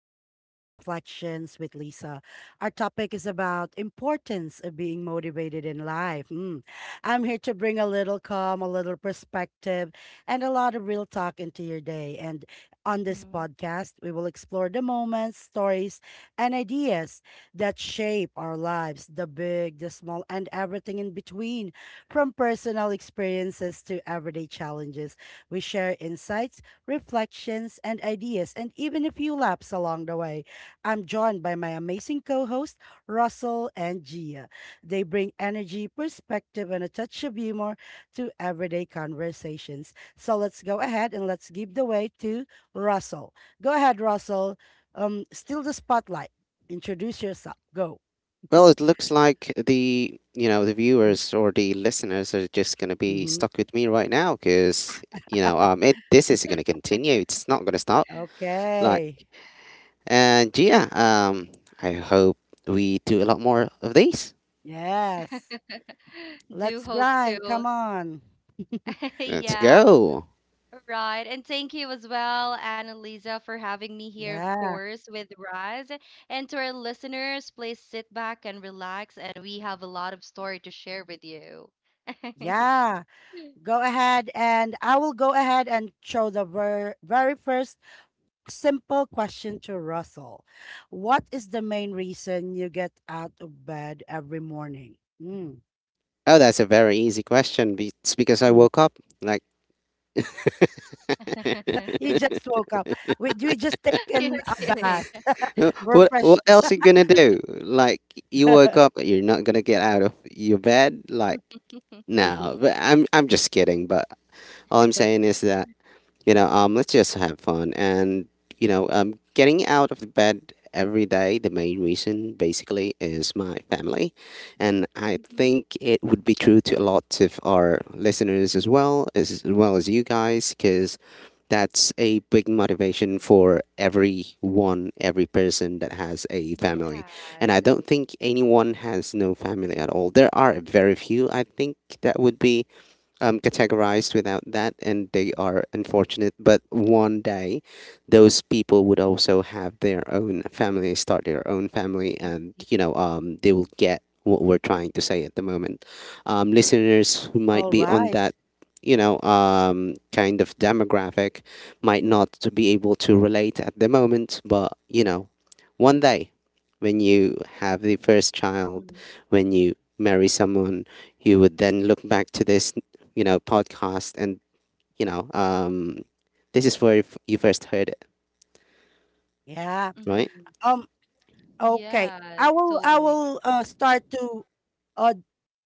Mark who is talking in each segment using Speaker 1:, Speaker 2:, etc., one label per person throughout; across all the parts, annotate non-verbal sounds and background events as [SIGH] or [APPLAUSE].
Speaker 1: to Everyday Reflections with Lisa. Our topic is about importance of being motivated in life. Mm. I'm here to bring a little calm, a little perspective, and a lot of real talk into your day. And on
Speaker 2: Mhm.
Speaker 1: this
Speaker 2: Mhm.
Speaker 1: podcast, we will explore the moments, stories, and ideas that shape our lives, the big, the small, and everything in between, from personal experiences to everyday challenges. We share insights reflections, and ideas, and even a few laps along the way. I'm joined by my amazing co hosts, Russell and Gia. They bring energy, perspective, and a touch of humor to everyday conversations. So let's go ahead and let's give the way to Russell. Go ahead, Russell. Steal the spotlight. Introduce yourself. Go.
Speaker 3: Well, it looks like the the
Speaker 1: Mm-hmm.
Speaker 3: viewers or the listeners are just gonna be
Speaker 1: Mm-hmm.
Speaker 3: stuck with me right now because you know it
Speaker 2: [LAUGHS]
Speaker 3: this is gonna continue. It's not gonna stop. Like
Speaker 1: Okay.
Speaker 3: and yeah, I hope we do a lot more of these.
Speaker 1: Yes.
Speaker 2: Do
Speaker 1: Let's
Speaker 2: hope
Speaker 1: grind. Come
Speaker 2: to.
Speaker 1: on.
Speaker 2: [LAUGHS]
Speaker 3: Let's
Speaker 1: W-
Speaker 2: Yeah,
Speaker 3: go.
Speaker 2: right. And thank you as well, Annalisa, for having me here, of
Speaker 1: Yeah.
Speaker 2: course, with Raz. And to our listeners, please sit back and relax, and we have a lot of story to share with you. [LAUGHS]
Speaker 1: Yeah. Go ahead, and I will go ahead and show the very first simple question to Russell. What is the main reason you get out of bed every morning?
Speaker 3: Oh, that's a very easy question. It's because I
Speaker 1: Mhm.
Speaker 3: woke up. Like
Speaker 1: You just woke up. We just
Speaker 2: You're
Speaker 1: taken a
Speaker 2: kidding.
Speaker 1: bath. [LAUGHS]
Speaker 3: [LAUGHS]
Speaker 1: We're
Speaker 3: what
Speaker 1: fresh.
Speaker 3: what
Speaker 1: To-
Speaker 3: else are you gonna do? Like you woke up, you're not gonna get out of your bed. Like
Speaker 2: [LAUGHS]
Speaker 3: no,
Speaker 1: [LAUGHS]
Speaker 3: but I'm just kidding. But all I'm saying is that let's just have fun and getting out of the bed every day, the main reason basically is my family, and I
Speaker 2: Mhm.
Speaker 3: think it would be true to a lot of our listeners as well as you guys because that's a big motivation for everyone, every person that has a family, and I
Speaker 2: Yes.
Speaker 3: don't think anyone has no family at all. There are very few I think that would be categorized without that, and they are unfortunate. But one day, those people would also have their own family, start their own family, and they will get what we're trying to say at the moment. Listeners who might
Speaker 1: All
Speaker 3: be on
Speaker 1: right.
Speaker 3: that, kind of demographic, might not to be able to relate at the moment, but you know, one day when you have the first child,
Speaker 2: Mhm.
Speaker 3: when you marry someone, you would then look back to this podcast, and you know, um, this is where you first heard it,
Speaker 1: Yeah.
Speaker 3: right?
Speaker 2: hmm
Speaker 1: Um, Okay.
Speaker 2: Yes,
Speaker 1: I will I
Speaker 2: totally.
Speaker 1: will start to uh,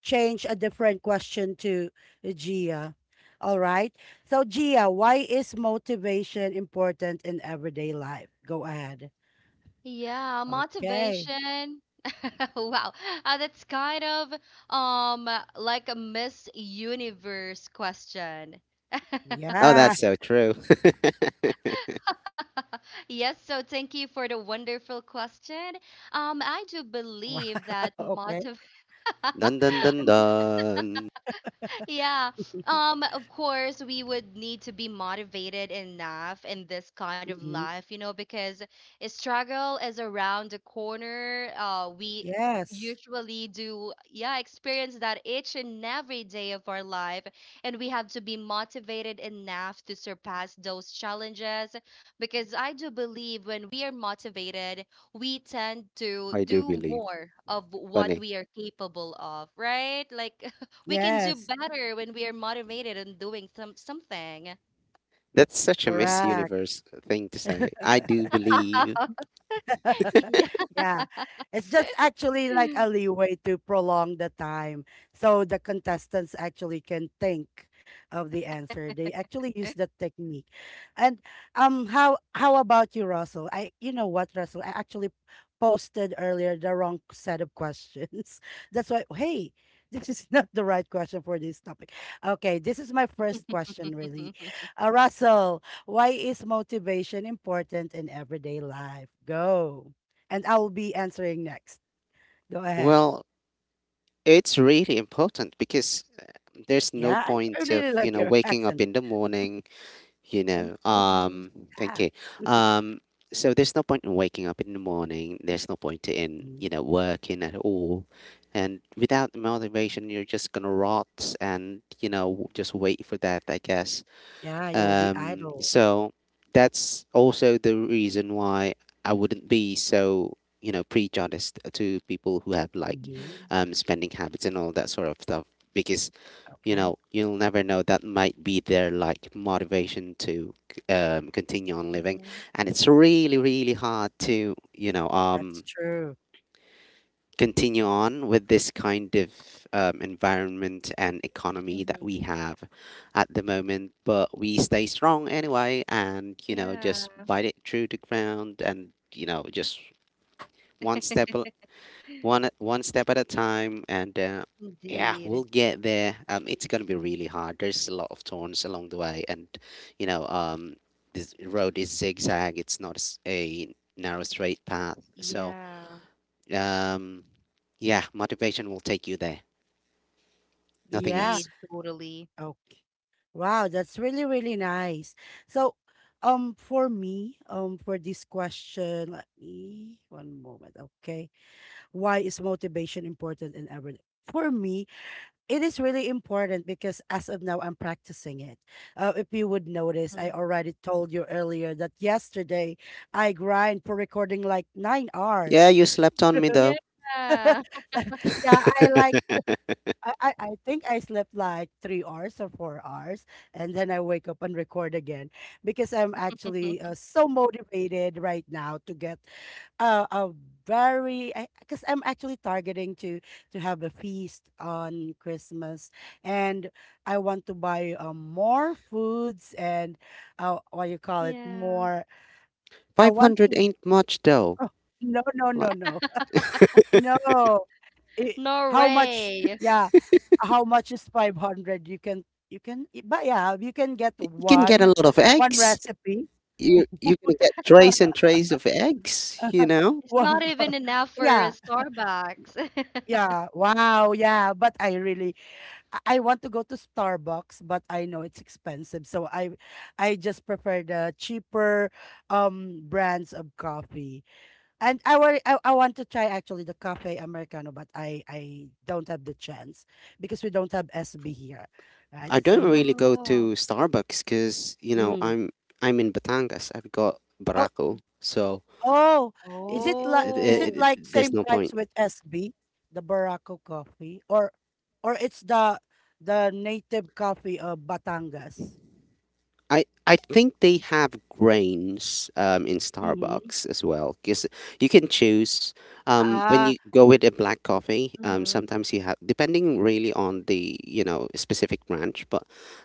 Speaker 1: change a different question to Gia. All right. So Gia, why is motivation important in everyday life? Go ahead.
Speaker 2: Yeah,
Speaker 1: Okay.
Speaker 2: motivation. [LAUGHS] Wow. That's kind of um like a Miss Universe question.
Speaker 3: Oh,
Speaker 1: Yeah.
Speaker 3: that's so
Speaker 1: [LAUGHS]
Speaker 3: true. [LAUGHS]
Speaker 2: [LAUGHS] Yes, so thank you for the wonderful question. I do
Speaker 1: Wow.
Speaker 2: believe that
Speaker 1: Okay.
Speaker 2: motiv [LAUGHS]
Speaker 3: Dun dun dun
Speaker 2: [LAUGHS]
Speaker 3: dun.
Speaker 2: yeah. Of course, we would need to be motivated enough in this kind of
Speaker 1: Mhm.
Speaker 2: life, you know, because a struggle is around the corner. We
Speaker 1: Yes.
Speaker 2: usually do, yeah, experience that each and every day of our life, and we have to be motivated enough to surpass those challenges. Because I do believe when we are motivated, we tend to
Speaker 3: I do
Speaker 2: do
Speaker 3: believe.
Speaker 2: more of what
Speaker 3: Funny.
Speaker 2: we are capable of, right? Like. We can do
Speaker 1: Yes.
Speaker 2: better when we are motivated and doing something.
Speaker 3: That's such a Miss
Speaker 1: Correct.
Speaker 3: Universe thing to say. I do believe.
Speaker 2: [LAUGHS]
Speaker 1: [LAUGHS]
Speaker 2: Yeah.
Speaker 1: Yeah. It's just actually like a leeway to prolong the time. So the contestants actually can think of the answer. They actually use that technique. And how about you, Russell? I you know what, Russell? I actually posted earlier the wrong set of questions. [LAUGHS] That's why hey, this is [LAUGHS] not the right question for this topic. Okay, this is my first question really.
Speaker 2: [LAUGHS]
Speaker 1: Russell, why is motivation important in everyday life? Go. And I will be answering next. Go ahead.
Speaker 3: Well, it's really important because there's no
Speaker 1: Yeah, I
Speaker 3: point of
Speaker 1: really like your [LAUGHS]
Speaker 3: waking up
Speaker 1: accent.
Speaker 3: in the morning, you know
Speaker 1: Important.
Speaker 2: Mhm,
Speaker 3: um thank
Speaker 1: Yeah,
Speaker 3: you, um there's no point in waking up in the morning, there's no point in
Speaker 1: Mhm.
Speaker 3: working at all, and without the motivation you're just gonna rot and just wait for that, I guess.
Speaker 1: Yeah, you will be
Speaker 3: um
Speaker 1: idle.
Speaker 3: so that's also the reason why I wouldn't be so prejudiced to people who have like
Speaker 1: hmm
Speaker 2: mhm,
Speaker 3: spending habits and all that sort of stuff, because you
Speaker 1: Okay,
Speaker 3: know you'll never know, that might be their like motivation to continue on living,
Speaker 2: mhm,
Speaker 3: and it's really really hard to
Speaker 1: that's true.
Speaker 3: continue on with this kind of environment and economy that
Speaker 2: mhm.
Speaker 3: we have at the moment. But we stay strong anyway, and you know just
Speaker 2: Yeah,
Speaker 3: bite it through the ground and you know just one step al-
Speaker 2: [LAUGHS]
Speaker 3: one step at a time, and yeah,
Speaker 2: indeed.
Speaker 3: we'll get there. It's gonna be really hard, there's a lot of turns along the way, and you know um this road is zigzag, it's not a narrow straight path. So
Speaker 2: Yeah,
Speaker 3: um yeah, motivation will take you there. Nothing
Speaker 1: Yeah.
Speaker 3: else.
Speaker 2: indeed, totally.
Speaker 1: Okay. Wow, that's really, really nice. So, for me, for this question, let me one moment. Okay, why is motivation important in everyday? For me, it is really important because as of now I'm practicing it. If you would notice, I
Speaker 2: Mm.
Speaker 1: already told you earlier that yesterday I grind for recording like nine
Speaker 3: Yeah,
Speaker 1: hours.
Speaker 3: you slept on me
Speaker 2: Yeah.
Speaker 3: though.
Speaker 1: [LAUGHS] yeah, I like I think I slept like 3 hours or 4 hours, and then I wake up and record again because I'm actually
Speaker 2: [LAUGHS]
Speaker 1: so motivated right now to get a very because I'm actually targeting to have a feast on Christmas, and I want to buy more foods and what you call it
Speaker 2: Yeah.
Speaker 1: more. I want
Speaker 3: 500
Speaker 1: to.
Speaker 3: ain't much though.
Speaker 1: Oh, no, no, no,
Speaker 3: Like
Speaker 1: no, no. It, how much?
Speaker 2: Norway.
Speaker 1: Yeah, how much is 500? You can but yeah, you can get
Speaker 3: you can get a
Speaker 1: one
Speaker 3: lot of
Speaker 1: one
Speaker 3: eggs,
Speaker 1: recipe.
Speaker 3: you you're gonna get trays
Speaker 1: [LAUGHS]
Speaker 3: and trays of eggs, you know.
Speaker 2: It's not
Speaker 1: Well,
Speaker 2: even enough
Speaker 1: [LAUGHS]
Speaker 2: for a
Speaker 1: yeah
Speaker 2: Starbucks. [LAUGHS]
Speaker 1: Yeah, wow, yeah, but I really I want to go to Starbucks, but I know it's expensive, so I just prefer the cheaper brands of coffee. And I want I want to try actually the cafe americano, but I don't have the chance because we don't have SB here, right?
Speaker 3: I
Speaker 1: It's
Speaker 3: don't
Speaker 1: in
Speaker 3: really
Speaker 1: Metro.
Speaker 3: go
Speaker 2: Oh.
Speaker 3: to Starbucks because you know
Speaker 1: Mm.
Speaker 3: I'm in Batangas. I've got
Speaker 1: Oh,
Speaker 3: Barako, so
Speaker 1: Oh, is it like
Speaker 3: I
Speaker 1: is it
Speaker 3: I
Speaker 2: Oh.
Speaker 1: like
Speaker 3: there's
Speaker 1: same
Speaker 3: no
Speaker 1: price
Speaker 3: point.
Speaker 1: with SB, the Barako coffee, or it's the native coffee of Batangas?
Speaker 3: I think they have grains in
Speaker 1: Mm-hmm.
Speaker 3: Starbucks as well because you can choose when
Speaker 1: Ah,
Speaker 3: you go with a black coffee.
Speaker 2: Mm-hmm.
Speaker 3: Sometimes you have, depending really on the specific branch, but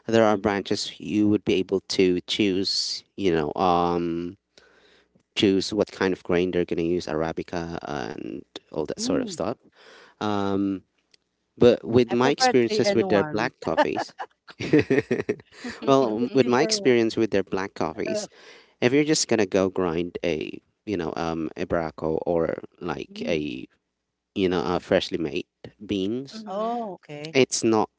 Speaker 3: there are
Speaker 2: Mm-hmm.
Speaker 3: branches you would be able to choose choose what kind of grain they're going to use, Arabica and all that sort of
Speaker 1: mm.
Speaker 3: stuff. Um, but with
Speaker 1: I
Speaker 3: my
Speaker 1: prefer three
Speaker 3: experiences
Speaker 1: and
Speaker 3: with their
Speaker 1: one,
Speaker 3: black coffees, [LAUGHS] well,
Speaker 1: [LAUGHS] the
Speaker 2: [LAUGHS]
Speaker 3: with my
Speaker 1: cheaper one.
Speaker 3: experience with their black coffees,
Speaker 1: [LAUGHS]
Speaker 3: if you're just gonna go grind a, a braco, or like
Speaker 1: Mm.
Speaker 3: a, a freshly made beans,
Speaker 2: Mm-hmm.
Speaker 1: Oh, okay.
Speaker 3: it's not,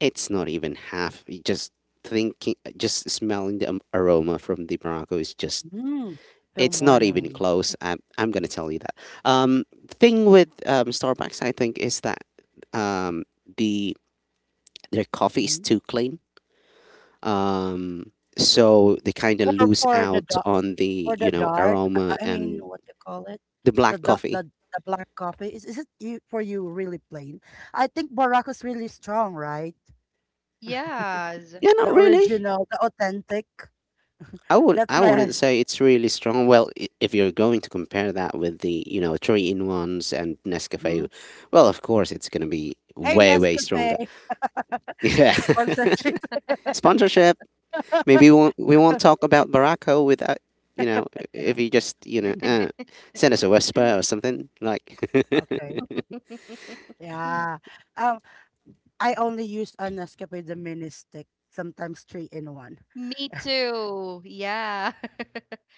Speaker 3: it's not even half. You just thinking, just smelling the aroma from the braco is just,
Speaker 1: Mm. Till
Speaker 3: it's not even
Speaker 1: morning.
Speaker 3: close. I'm going to tell you that. Thing with Starbucks, I think, is that um, the, their coffee is
Speaker 1: hmm
Speaker 3: too clean. Um, so they kind of
Speaker 1: For
Speaker 3: lose
Speaker 1: for the
Speaker 3: out
Speaker 1: dark
Speaker 3: on the
Speaker 1: for the dark.
Speaker 3: aroma
Speaker 1: I mean,
Speaker 3: and
Speaker 1: what you call it?
Speaker 3: the
Speaker 1: The
Speaker 3: black coffee.
Speaker 1: the black coffee is it you for you really plain? I think Barraco's really strong, right?
Speaker 2: Yes.
Speaker 3: Yeah, not
Speaker 1: The
Speaker 3: really.
Speaker 1: original, the authentic. That's
Speaker 3: I
Speaker 1: why
Speaker 3: wouldn't
Speaker 1: I
Speaker 3: say it's really strong. Well, if you're going to compare that with the three in ones and
Speaker 1: mhm.
Speaker 3: Nescafe, well, of course it's going to be
Speaker 1: Hey,
Speaker 3: way way
Speaker 1: Nescafe.
Speaker 3: stronger. [LAUGHS]
Speaker 1: [LAUGHS]
Speaker 3: Yeah,
Speaker 1: Sponsorship.
Speaker 3: [LAUGHS] sponsorship. Maybe we won't talk
Speaker 1: [LAUGHS]
Speaker 3: about Barako without, you know,
Speaker 1: Yeah.
Speaker 3: if you just, you know,
Speaker 1: [LAUGHS]
Speaker 2: [LAUGHS]
Speaker 3: send us a whisper or something. Like, [LAUGHS]
Speaker 1: Okay. Yeah. Um, I only use a Nescafe the mini stick, sometimes three in one.
Speaker 2: Me
Speaker 1: [LAUGHS]
Speaker 2: too. Yeah.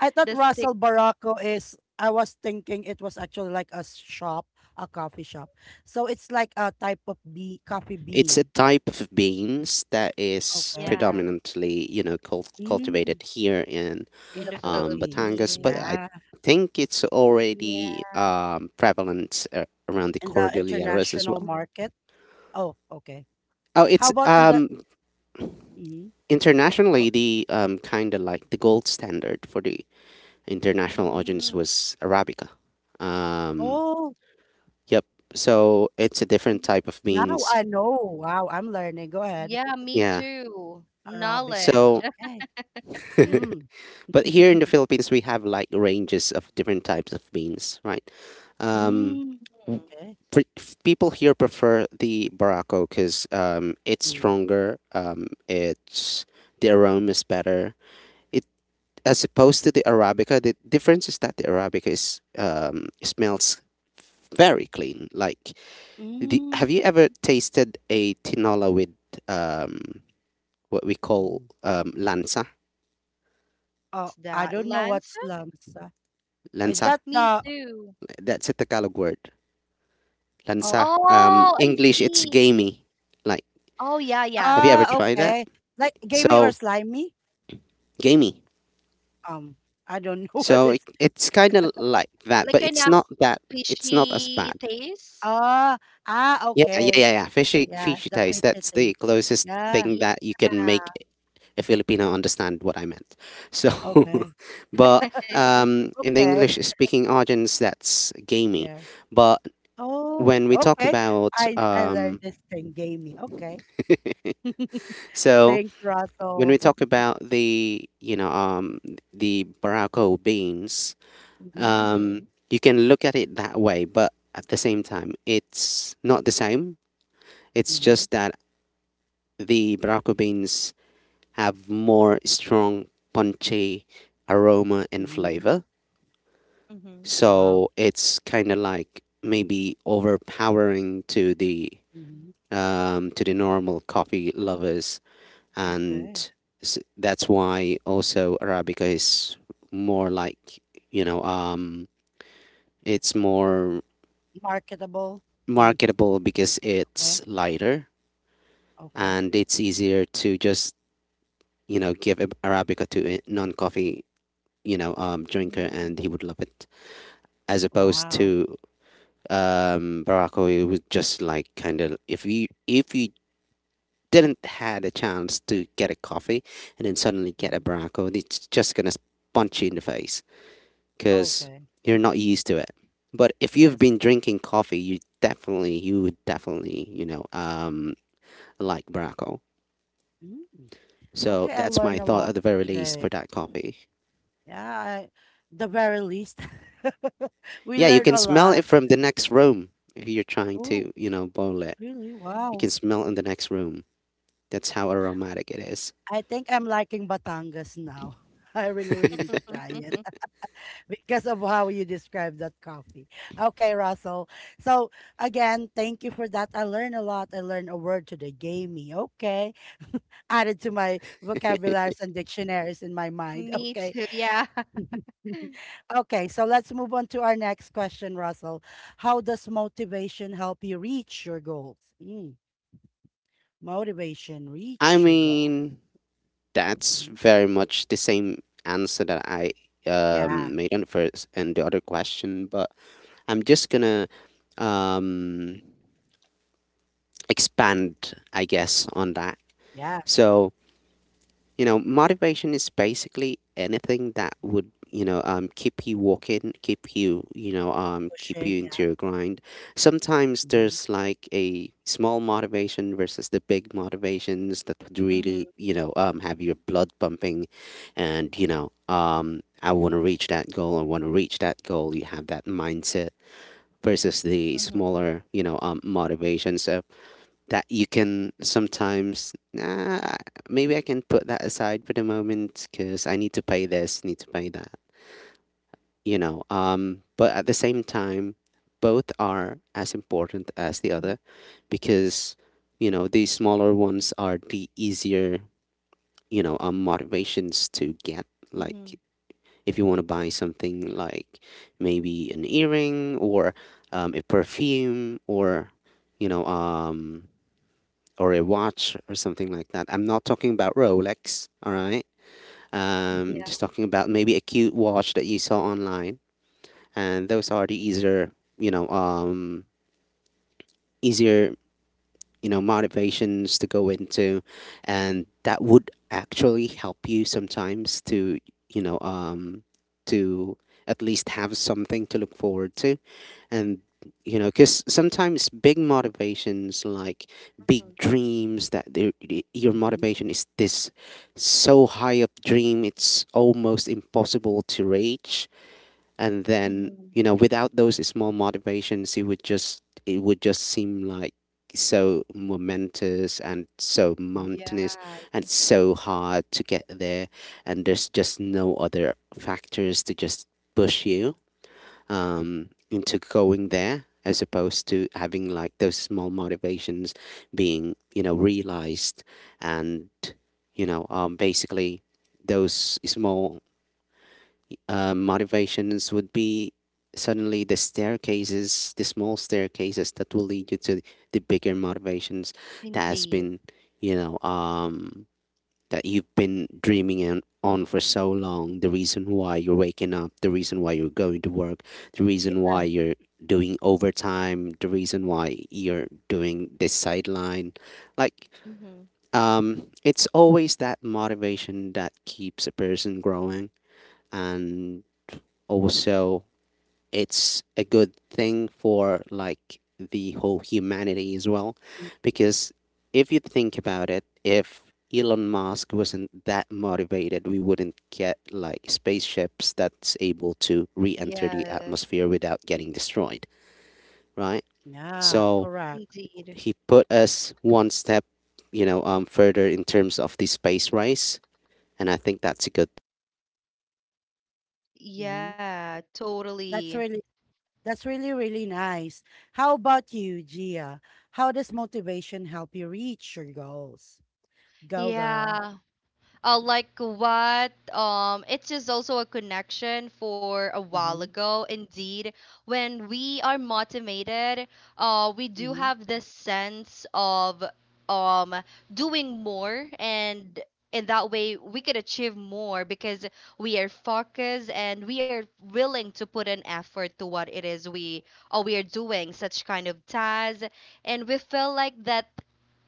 Speaker 1: I thought
Speaker 2: The stick,
Speaker 1: Russell Baracco is, I was thinking it was actually like a shop, a coffee shop. So it's like a type of bee, coffee
Speaker 3: it's a
Speaker 1: bean.
Speaker 3: type of beans that is
Speaker 1: Okay.
Speaker 2: yeah,
Speaker 3: predominantly, you know,
Speaker 1: Mm,
Speaker 3: cultivated here in
Speaker 1: in
Speaker 2: in
Speaker 1: the
Speaker 2: the
Speaker 1: Philippines.
Speaker 3: Batangas, but
Speaker 2: Philippines.
Speaker 3: I
Speaker 1: Yeah.
Speaker 3: think it's already
Speaker 2: Yeah.
Speaker 3: prevalent around the
Speaker 1: In the
Speaker 3: Cordilleras as
Speaker 1: international
Speaker 3: well.
Speaker 1: market. Oh, okay.
Speaker 3: Oh,
Speaker 1: How
Speaker 3: it's
Speaker 1: about in the mhm. O
Speaker 3: internationally the kind of like the gold standard for the international
Speaker 2: Mhm.
Speaker 3: audience was Arabica. Um,
Speaker 1: oh,
Speaker 3: Yep. So
Speaker 1: it
Speaker 3: it's a different
Speaker 1: mhm.
Speaker 3: type of
Speaker 1: Now
Speaker 3: beans.
Speaker 1: I know. Wow, I'm learning. Go ahead.
Speaker 2: Yeah,
Speaker 1: [LAUGHS]
Speaker 2: me
Speaker 3: Yeah.
Speaker 2: too.
Speaker 1: Arabica.
Speaker 2: Knowledge.
Speaker 3: So,
Speaker 1: Okay.
Speaker 3: [LAUGHS]
Speaker 1: Mm.
Speaker 3: but here in the
Speaker 1: [LAUGHS]
Speaker 3: Philippines, we have like ranges of different types of beans, right? Um,
Speaker 1: Mm,
Speaker 2: Hmm.
Speaker 1: okay.
Speaker 3: People here prefer the Barako because it's
Speaker 1: Mm.
Speaker 3: stronger. It's, the aroma is better. It, as opposed to the Arabica. The difference is that the Arabica is smells very clean. Like, the,
Speaker 1: Mm,
Speaker 3: have you ever tasted a tinola with um, what we call
Speaker 1: mm.
Speaker 3: lanza.
Speaker 1: Oh,
Speaker 2: What's
Speaker 1: I
Speaker 2: that?
Speaker 1: don't know what
Speaker 2: Lancer?
Speaker 1: lanza. Oh, Is
Speaker 3: Lanza.
Speaker 1: that
Speaker 2: Me
Speaker 1: the
Speaker 2: too.
Speaker 3: That's a Tagalog word.
Speaker 1: oh,
Speaker 3: Lanza.
Speaker 2: Oh, I
Speaker 3: English, it's
Speaker 2: see.
Speaker 3: gamey. Like,
Speaker 2: Oh, yeah, yeah.
Speaker 3: have you ever tried that?
Speaker 1: okay. Like gamey or
Speaker 3: So,
Speaker 1: slimy?
Speaker 3: gamey.
Speaker 1: Um, I don't know [LAUGHS] what
Speaker 3: So it,
Speaker 1: it's
Speaker 3: it's kind of like
Speaker 2: Like
Speaker 3: that, but
Speaker 2: an
Speaker 3: it's not that. It's not as
Speaker 2: fishy
Speaker 3: bad.
Speaker 2: taste.
Speaker 1: Ah, okay.
Speaker 3: Yeah. Fishy,
Speaker 1: Yeah,
Speaker 3: fishy
Speaker 1: the
Speaker 3: taste. That's the
Speaker 1: fidgeting.
Speaker 3: closest
Speaker 1: Yeah,
Speaker 3: thing that you can make
Speaker 2: Yeah.
Speaker 3: a Filipino understand what I meant. So, [LAUGHS]
Speaker 1: okay.
Speaker 3: but
Speaker 2: [LAUGHS]
Speaker 3: in the
Speaker 1: Okay.
Speaker 3: English
Speaker 1: [LAUGHS]
Speaker 3: speaking audience, that's gamey.
Speaker 1: Yeah.
Speaker 3: But
Speaker 1: Oh,
Speaker 3: when we talk
Speaker 1: okay.
Speaker 3: about
Speaker 1: I learned this thing, gamey. Okay. [LAUGHS]
Speaker 3: so
Speaker 1: Thanks,
Speaker 3: when we
Speaker 1: Russell.
Speaker 3: talk
Speaker 1: [LAUGHS]
Speaker 3: about the the Barako beans,
Speaker 1: Mm-hmm.
Speaker 2: Mm-hmm.
Speaker 3: um, you can look at it that way, but at the same time, it's not the same. It's
Speaker 1: Mm-hmm.
Speaker 3: just that the Barako beans have more strong, punchy aroma and
Speaker 1: Mm-hmm.
Speaker 3: flavor.
Speaker 1: Wow.
Speaker 3: So it's kind of like maybe overpowering
Speaker 1: Mm-hmm.
Speaker 3: to the normal coffee lovers, and
Speaker 1: Okay.
Speaker 3: that's why also Arabica is more like you know um it's more
Speaker 1: Marketable and
Speaker 3: marketable because
Speaker 1: okay.
Speaker 3: it's lighter,
Speaker 1: Okay.
Speaker 3: and it's easier to just give Arabica to a non-coffee drinker,
Speaker 2: Mm-hmm.
Speaker 3: and he would love it, as opposed
Speaker 1: Wow.
Speaker 3: to Barako. It was just like, kind of, if you didn't had a chance to get a coffee and then suddenly get a
Speaker 1: hmm
Speaker 3: Barako, it's just gonna punch you in the face because
Speaker 1: Okay.
Speaker 3: you're not used to it. But if you've been
Speaker 1: Yes.
Speaker 3: drinking coffee, you definitely, you would definitely, you know, like Barako.
Speaker 1: mm
Speaker 3: So
Speaker 1: Okay, I
Speaker 3: that's my
Speaker 1: learned a
Speaker 3: thought
Speaker 1: lot
Speaker 3: at the very least for
Speaker 1: today.
Speaker 3: that coffee.
Speaker 1: Yeah, I, the very least. [LAUGHS] We
Speaker 3: Yeah, you
Speaker 1: learned
Speaker 3: can
Speaker 1: a
Speaker 3: smell it
Speaker 1: lot.
Speaker 3: from the next room if you're trying
Speaker 1: Oh,
Speaker 3: to, you know, boil it.
Speaker 1: really?
Speaker 3: You can
Speaker 1: Wow.
Speaker 3: smell in the next room. That's how aromatic it is.
Speaker 1: I think I'm liking Batangas now. [LAUGHS] I really, really need to try it.
Speaker 2: [LAUGHS]
Speaker 1: Because of how you described that coffee. Okay, Russell. So again, thank you for that. I learned a lot. I learned a word today, gamey. Okay. [LAUGHS] Added to my vocabularies and dictionaries in my mind.
Speaker 2: Me
Speaker 1: Okay.
Speaker 2: too. Yeah. [LAUGHS]
Speaker 1: [LAUGHS] okay, so let's move on to our next question, Russell. How does motivation help you reach your goals? Mm, motivation,
Speaker 3: I
Speaker 1: reach your goals.
Speaker 3: mean, that's
Speaker 1: Mhm.
Speaker 3: very much the same answer that I
Speaker 1: Yeah,
Speaker 3: made on the first and the other question, but I'm just gonna um, expand, I guess, on that.
Speaker 1: yeah.
Speaker 3: So, you know, motivation is basically anything that
Speaker 1: Mm-hmm.
Speaker 3: would, you know, keep you walking, keep you, you know, keep
Speaker 1: Pushing,
Speaker 3: you into
Speaker 1: yeah.
Speaker 3: your grind. Sometimes
Speaker 1: hmm
Speaker 3: there's like a small motivation versus the big motivations that would really,
Speaker 2: Mhm.
Speaker 3: you know, have your blood pumping, and, you know, I want to reach that goal. I want to reach that goal. You have that mindset versus the
Speaker 2: Mhm.
Speaker 3: smaller, you know, motivations. So that you can sometimes nah, maybe I can put that aside for the moment because I need to pay this, need to pay that, you know. But at the same time, both are as important as the
Speaker 1: hmm
Speaker 3: other because you know the smaller ones are the easier motivations to get,
Speaker 2: Mhm.
Speaker 3: like if you want to buy something like maybe an earring or a perfume or you know um or a watch or something like that. I'm not talking about Rolex, all right?
Speaker 2: Yeah.
Speaker 3: Just talking about maybe a cute watch that you saw online, and those are the easier, you know, um, easier, you know, motivations to go into, and that would actually help you sometimes to, you know, um, to at least have something to look forward to. And you know, because sometimes big motivations, like big
Speaker 2: Mhm.
Speaker 3: dreams, that your motivation is this so high up dream, it's almost impossible to reach. And then
Speaker 2: Mhm.
Speaker 3: you know, without those small motivations, it would just, it would just seem like so momentous and so
Speaker 1: hmm
Speaker 3: mountainous
Speaker 2: Yeah.
Speaker 3: and so hard to get there, and there's just no other factors to just push you into going there, as opposed to having like those small motivations being, you know, realized. And basically those small motivations would be suddenly the staircases, the small staircases that will lead you to the bigger motivations that has
Speaker 2: Indeed.
Speaker 3: been, you know um, that you've been dreaming and on for so long. The reason why you're waking up, the reason why you're going to work, the reason
Speaker 1: [LAUGHS]
Speaker 3: why you're doing overtime, the reason why you're doing this sideline. like
Speaker 2: Mhm.
Speaker 3: it's always that motivation that keeps a person growing. And also, it's a good thing for like the whole humanity as well, because if you think about it, if Elon Musk wasn't that motivated, we wouldn't get like spaceships that's able to re-enter the
Speaker 2: Yeah.
Speaker 3: atmosphere without getting destroyed, right?
Speaker 1: Yeah,
Speaker 3: So
Speaker 1: correct.
Speaker 2: Indeed.
Speaker 3: he put us one step, further in terms of the space race, and I think that's a good.
Speaker 1: hmm
Speaker 2: Yeah. Totally.
Speaker 1: That's really that's really really nice. How about you, Gia? How does motivation help you reach your goals? Go, girl.
Speaker 2: Yeah. Like what? It's just also a connection for a while
Speaker 1: Mm-hmm.
Speaker 2: ago. Indeed, when we are motivated, we do
Speaker 1: Mm-hmm.
Speaker 2: have this sense of um doing more, and in that way we could achieve more because we are focused and we are willing to put an effort to what it is we are doing, such kind of tasks, and we feel like that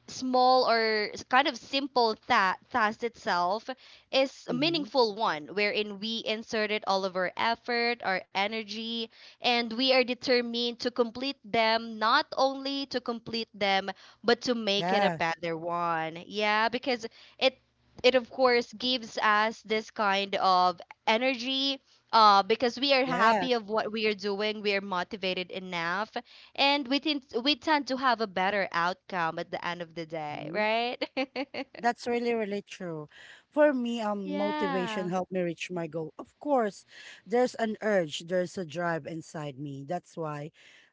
Speaker 2: small or s- kind of simple ta- task itself is a
Speaker 1: Mm-hmm.
Speaker 2: meaningful one wherein we inserted all of our effort, our energy, and we are determined to complete them, not only to complete them but to make it a
Speaker 1: Yeah.
Speaker 2: better one, yeah, because it it of course gives us this kind of energy, because we are
Speaker 1: Yeah.
Speaker 2: happy of what we are doing, we are motivated enough, and we tend to have a better outcome at the end of the day,
Speaker 1: hmm
Speaker 2: right? [LAUGHS]
Speaker 1: That's really really true. For me, motivation
Speaker 2: Yeah.
Speaker 1: helped me reach my goal. Of course, there's an urge, there's a drive inside me. That's why.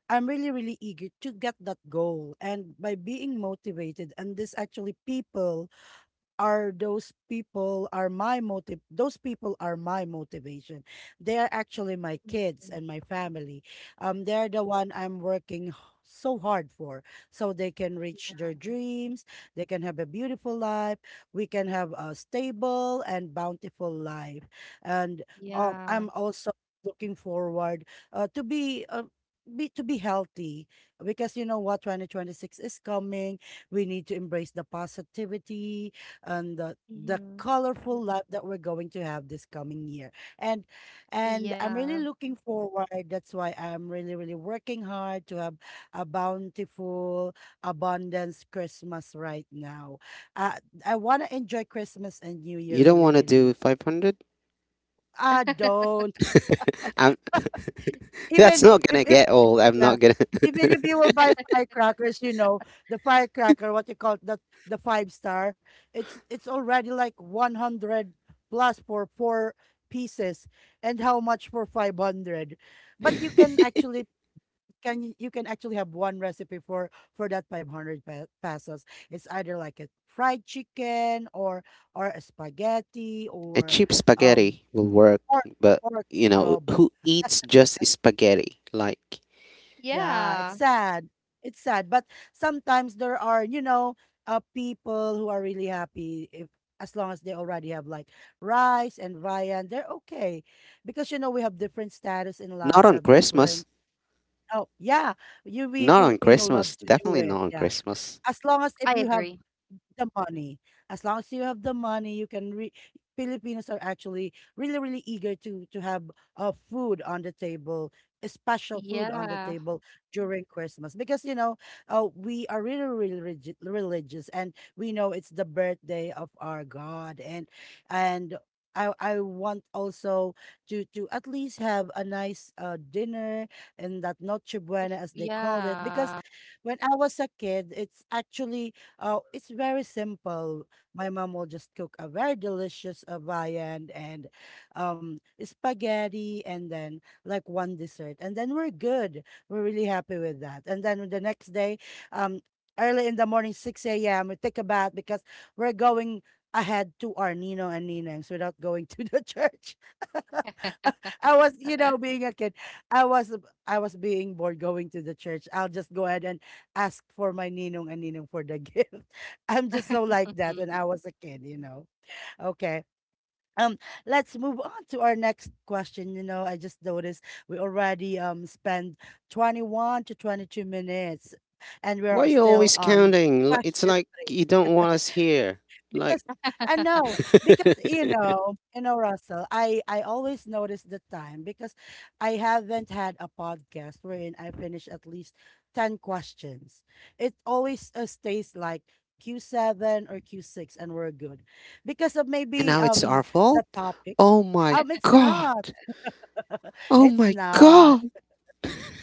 Speaker 1: I'm really, really eager to get that goal. And by being motivated, and this actually people are those people are my motive those people are my motivation they are actually my kids and my family they're the one I'm working so hard for so they can reach their dreams they can have a beautiful life we can have a stable and bountiful life and
Speaker 2: Yeah.
Speaker 1: I'm also looking forward to be to be healthy because you know what 2026 is coming we need to embrace the positivity and the
Speaker 2: hmm
Speaker 1: colorful life that we're going to have this coming year. And and I'm
Speaker 2: Yeah.
Speaker 1: really looking forward. That's why I'm really, really working hard to have a bountiful, abundance Christmas right now. Uh, I want to enjoy Christmas and New Year
Speaker 3: You don't
Speaker 1: really,
Speaker 3: want to do
Speaker 1: really.
Speaker 3: 500.
Speaker 1: Ah, don't.
Speaker 3: um, [LAUGHS] that's
Speaker 1: Even
Speaker 3: not
Speaker 1: if,
Speaker 3: gonna
Speaker 1: if
Speaker 3: get old. I'm
Speaker 1: yeah,
Speaker 3: not gonna.
Speaker 1: even if you will buy firecrackers, you know, the firecracker, what you call it, the five star, it's already like 100 plus for four pieces and how much for 500. But you can actually you can actually have one recipe for that 500 pesos. It's either like a fried chicken or a spaghetti
Speaker 3: A
Speaker 1: or
Speaker 3: cheap
Speaker 1: um
Speaker 3: spaghetti will work,
Speaker 1: or
Speaker 3: but
Speaker 1: or
Speaker 3: you know,
Speaker 1: adobo.
Speaker 3: who eats just spaghetti? Like,
Speaker 1: Yeah,
Speaker 2: Yeah.
Speaker 1: it's sad. It's sad, but sometimes there are, you know, people who are really happy if as long as they already have like rice and viand, they're okay. Because you know we have different status in
Speaker 3: not
Speaker 1: life, we
Speaker 3: on
Speaker 1: have
Speaker 3: Christmas.
Speaker 1: different. Oh, yeah, you we
Speaker 3: Not on
Speaker 1: Filipino love
Speaker 3: Christmas.
Speaker 1: to do
Speaker 3: Definitely
Speaker 1: it.
Speaker 3: not on
Speaker 1: Yeah.
Speaker 3: Christmas.
Speaker 1: As long as if
Speaker 2: I
Speaker 1: you have
Speaker 2: agree.
Speaker 1: the money. As long as you have the money, you can re Filipinos are actually really, really eager to have food on the table, a special food on the
Speaker 2: Yeah.
Speaker 1: table during Christmas because you know we are really, really religious and we know it's the birthday of our God and I want also to at least have a nice dinner and that noche buena as they call it because
Speaker 2: Yeah.
Speaker 1: when I was a kid, it's actually it's very simple. My mom will just cook a very delicious viand and spaghetti, and then like one dessert, and then we're good. We're really happy with that. And then the next day, um, early in the morning, six a.m., we take a bath because we're going ahead to our Nino and Ninangs without going to the [LAUGHS] church. [LAUGHS] I was, you know, being a kid, I was I was being bored going to the church. I'll just go ahead and ask for my ninong and ninong for the gift. [LAUGHS] I'm just so like that when
Speaker 2: Mhm.
Speaker 1: I was a kid, you know. Okay. Um, let's move on to our next question. You know, I just noticed we already spent 21 to 22 minutes and
Speaker 3: Why are
Speaker 1: we're
Speaker 3: you
Speaker 1: still
Speaker 3: always
Speaker 1: on
Speaker 3: counting? L- It's
Speaker 1: question
Speaker 3: like
Speaker 1: three
Speaker 3: you don't want us here. Like,
Speaker 1: because I know
Speaker 3: [LAUGHS]
Speaker 1: because you know Russell I always notice the time because I haven't had a podcast wherein I finish at least 10 questions it always stays like Q7 or Q6 and we're good because of
Speaker 3: and
Speaker 1: maybe
Speaker 3: now it's our
Speaker 1: the
Speaker 3: fault?
Speaker 1: topic
Speaker 3: Oh my
Speaker 1: it's
Speaker 3: god.
Speaker 1: not [LAUGHS]
Speaker 3: Oh
Speaker 1: it's
Speaker 3: my
Speaker 1: not
Speaker 3: god.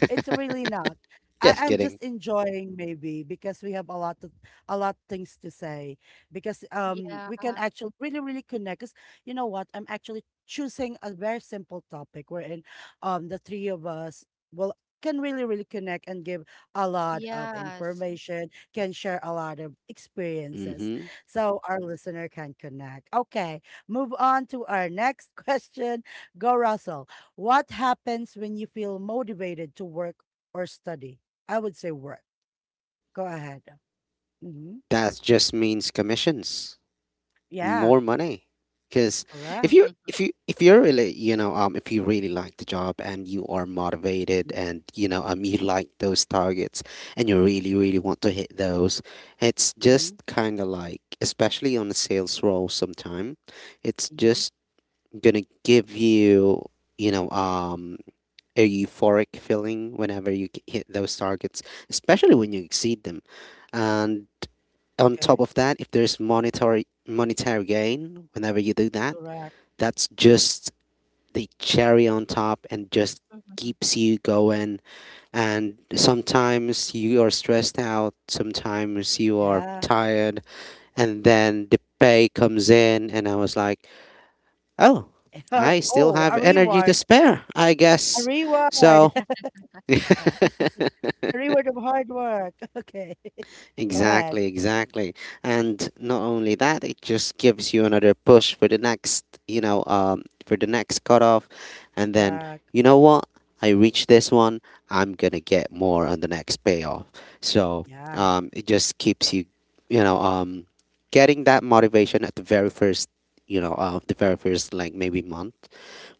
Speaker 1: it's really not. I,
Speaker 3: Just
Speaker 1: I'm
Speaker 3: kidding.
Speaker 1: just enjoying maybe because we have a lot of a lot things to say because
Speaker 2: Yeah.
Speaker 1: we can actually really really connect. 'Cause you know what? I'm actually choosing a very simple topic wherein the three of us will can really really connect and give a lot of
Speaker 2: Yes.
Speaker 1: information, can share a lot of experiences
Speaker 3: Mm-hmm.
Speaker 1: so our listener can connect. Okay, move on to our next [LAUGHS] question. Go Russell. What happens when you feel motivated to work or study? I would say work. Go ahead. hmm
Speaker 3: That just means commissions,
Speaker 1: Yeah,
Speaker 3: more money. Because
Speaker 1: correct.
Speaker 3: if you
Speaker 2: Mhm.
Speaker 3: if you if you're really, if you really like the job and you are
Speaker 1: hmm
Speaker 3: motivated, and you like those targets and you really, really want to hit those, it's
Speaker 1: hmm
Speaker 3: just kind of like, especially on a sales role, sometime it's
Speaker 1: hmm
Speaker 3: just gonna give you, you know a euphoric feeling whenever you g- hit those targets, especially when you exceed them. And on top
Speaker 1: Okay,
Speaker 3: of that, if there's monetary gain whenever you do that,
Speaker 1: correct.
Speaker 3: that's just the cherry on top, and just keeps you going. And sometimes you are stressed out, sometimes you are
Speaker 1: Yeah.
Speaker 3: tired, and then the pay comes in, and I was like, oh,
Speaker 1: [LAUGHS] Or,
Speaker 3: I still
Speaker 1: oh,
Speaker 3: have energy to spare, I
Speaker 1: a
Speaker 3: guess.
Speaker 1: reward,
Speaker 3: So.
Speaker 1: [LAUGHS]
Speaker 3: [LAUGHS]
Speaker 1: a reward of hard work. [LAUGHS] Okay, [LAUGHS] go
Speaker 3: Exactly,
Speaker 1: ahead.
Speaker 3: exactly. And not only that, it just gives you another push for the next, for the next cutoff. And then,
Speaker 1: Correct.
Speaker 3: you know what? I reach this one, I'm gonna get more on the next payoff. So
Speaker 1: Yeah.
Speaker 3: it just keeps you, you know, um, getting that motivation at the very first, the very first like maybe month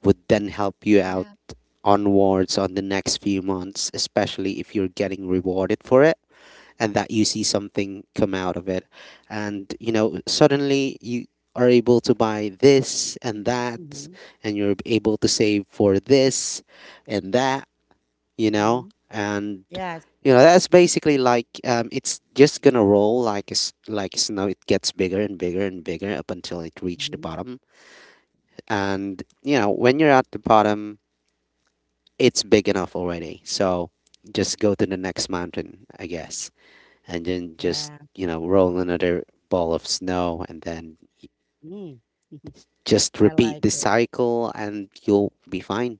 Speaker 3: would then help you out
Speaker 2: Yeah.
Speaker 3: onwards on the next few months, especially if you're getting rewarded for it, and that you see something come out of it. And you know, suddenly you are able to buy this and
Speaker 2: Mhm.
Speaker 3: that,
Speaker 1: hmm
Speaker 3: and you're able to save for this and that, you know.
Speaker 1: hmm
Speaker 3: And
Speaker 1: Yes.
Speaker 3: you know, that's basically like it's just gonna roll like s- like snow. It gets bigger and bigger and bigger up until it reached the
Speaker 1: hmm
Speaker 3: bottom. And you know, when you're at the bottom, it's big enough already, so just go to the next mountain, I guess, and then just,
Speaker 1: Yeah.
Speaker 3: you know, roll another ball of snow and then
Speaker 1: Mm. [LAUGHS]
Speaker 3: just
Speaker 1: I
Speaker 3: repeat
Speaker 1: like
Speaker 3: the
Speaker 1: it.
Speaker 3: cycle and you'll be fine.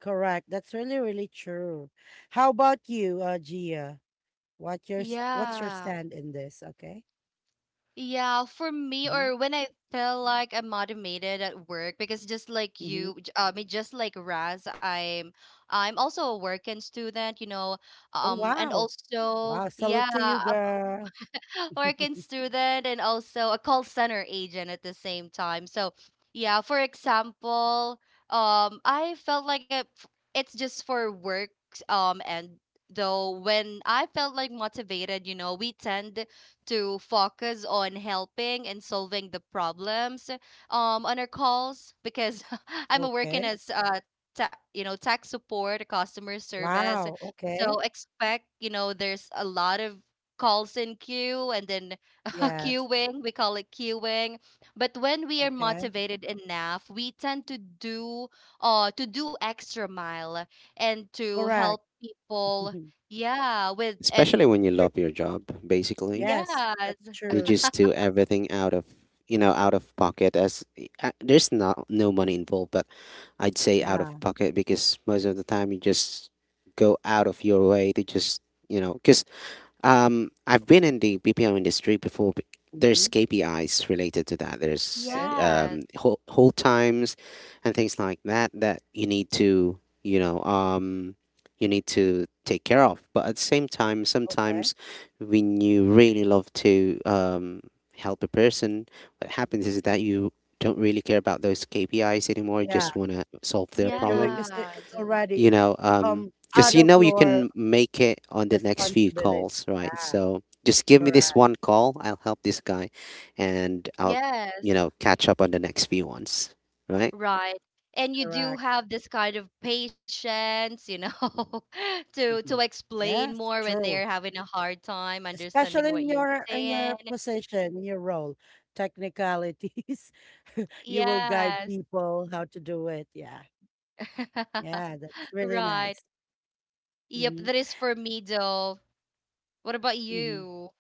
Speaker 1: Correct. That's really, really true. How about you, Gia? What's what's your
Speaker 2: Yeah.
Speaker 1: stand in this? Okay.
Speaker 2: Yeah, for me,
Speaker 1: hmm
Speaker 2: or when I feel like I'm automated at work, because just like
Speaker 1: hmm
Speaker 2: you, I mean, just like Raz, I'm also a working student, you know,
Speaker 1: Oh
Speaker 2: and
Speaker 1: wow,
Speaker 2: also,
Speaker 1: wow!
Speaker 2: yeah,
Speaker 1: Salute to you, girl.
Speaker 2: [LAUGHS] working student and also a call center agent at the same time. So, yeah, for example, I felt like it's just for work. And though when I felt like motivated, you know, we tend to focus on helping and solving the problems on our calls because [LAUGHS] I'm a working
Speaker 1: Okay.
Speaker 2: as you know, tech support, customer service.
Speaker 1: Wow.
Speaker 2: So
Speaker 1: Okay.
Speaker 2: expect, you know, there's a lot of calls in queue and then [LAUGHS]
Speaker 1: Yes.
Speaker 2: queuing we call it queuing. But when we are
Speaker 1: Okay.
Speaker 2: motivated enough, we tend to do extra mile and to
Speaker 1: Correct.
Speaker 2: help people,
Speaker 1: [LAUGHS]
Speaker 2: yeah,
Speaker 3: Especially when you
Speaker 2: per-
Speaker 3: love your job, basically,
Speaker 1: Yes, that's
Speaker 2: yes,
Speaker 3: you
Speaker 1: true.
Speaker 3: just do everything out of, you know, out of pocket. As Uh, there's not, no money involved, but I'd say out
Speaker 1: Yeah.
Speaker 3: of pocket because most of the time you just go out of your way to just, you know, because, um, I've been in the BPO industry before. B- There's
Speaker 1: hmm
Speaker 3: KPIs related to that. There's
Speaker 1: Okay.
Speaker 2: yes
Speaker 3: whole, whole times and things like that that you need to, you need to take care of. But at the same time,
Speaker 1: Okay.
Speaker 3: sometimes when you really love to help a person, what happens is that you don't really care about those KPIs anymore. You
Speaker 1: Yeah,
Speaker 3: just want to solve their
Speaker 1: they're doing
Speaker 3: problem,
Speaker 1: because it's
Speaker 2: yes
Speaker 1: already
Speaker 3: you know um
Speaker 1: um out
Speaker 3: because you
Speaker 1: of
Speaker 3: know, you
Speaker 1: your
Speaker 3: can make it on the next few
Speaker 1: responsibility.
Speaker 3: calls, right?
Speaker 1: Yeah.
Speaker 3: So just give me this
Speaker 1: Correct.
Speaker 3: one call, I'll help this guy, and I'll, you
Speaker 2: yes,
Speaker 3: know, catch up on the next few ones, right?
Speaker 2: right. And you do
Speaker 1: Correct.
Speaker 2: have this kind of patience, you know, [LAUGHS] to
Speaker 1: [LAUGHS] Mhm.
Speaker 2: explain
Speaker 1: Yes.
Speaker 2: more when they're
Speaker 1: True.
Speaker 2: having a hard time understanding
Speaker 1: Especially
Speaker 2: what
Speaker 1: in
Speaker 2: you're
Speaker 1: your
Speaker 2: saying.
Speaker 1: position, in your role, technicalities. [LAUGHS] You will guide
Speaker 2: Yes.
Speaker 1: people how to do it. Yeah, yeah,
Speaker 2: [LAUGHS]
Speaker 1: that's really
Speaker 2: Right.
Speaker 1: nice.
Speaker 2: Yep,
Speaker 1: Mm-hmm.
Speaker 2: that is for me though. What about
Speaker 1: Mm-hmm.
Speaker 2: you?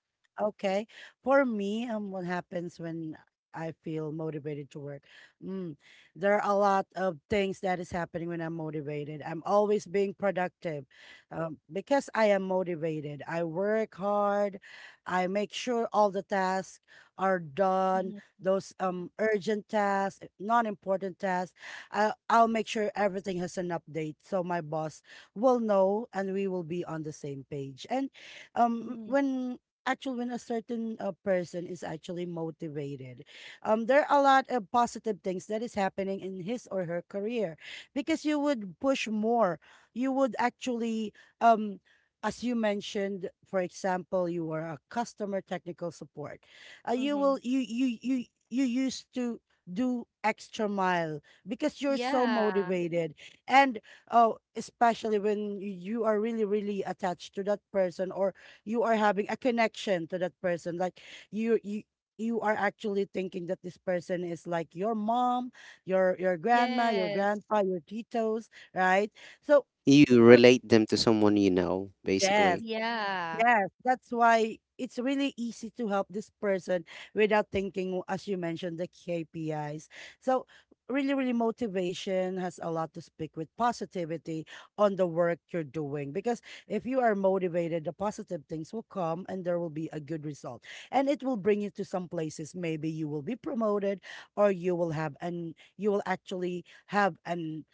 Speaker 1: Okay. For me, what happens when I feel motivated to work? Mm, there are a lot of things that is happening when I'm motivated. I'm always being productive, because I am motivated. I work hard. I make sure all the tasks are done.
Speaker 2: Mhm,
Speaker 1: Those urgent tasks, non-important tasks. I'll make sure everything has an update, so my boss will know, and we will be on the same page. And
Speaker 2: mhm,
Speaker 1: when actually when a certain person is actually motivated, there are a lot of positive things that is happening in his or her career because you would push more, you would actually um as you mentioned, for example, you were a customer technical support, you
Speaker 2: mhm.
Speaker 1: will you you you you used to do extra mile because you're so
Speaker 2: Yeah.
Speaker 1: motivated. And oh, especially when you are really really attached to that person or you are having a connection to that person, like you you you are actually thinking that this person is like your mom, your grandma, your
Speaker 2: Yes.
Speaker 1: grandpa, your titos, right? So
Speaker 3: You
Speaker 1: for,
Speaker 3: relate them to someone, you know,
Speaker 1: yes.
Speaker 3: basically.
Speaker 2: Yeah.
Speaker 1: Yes, that's why it's really easy to help this person without thinking, as you mentioned, the KPIs. So, really, really, motivation has a lot to speak with positivity on the work you're doing. Because if you are motivated, the positive things will come and there will be a good result. And it will bring you to some places. Maybe you will be promoted or you will have, and you will actually have an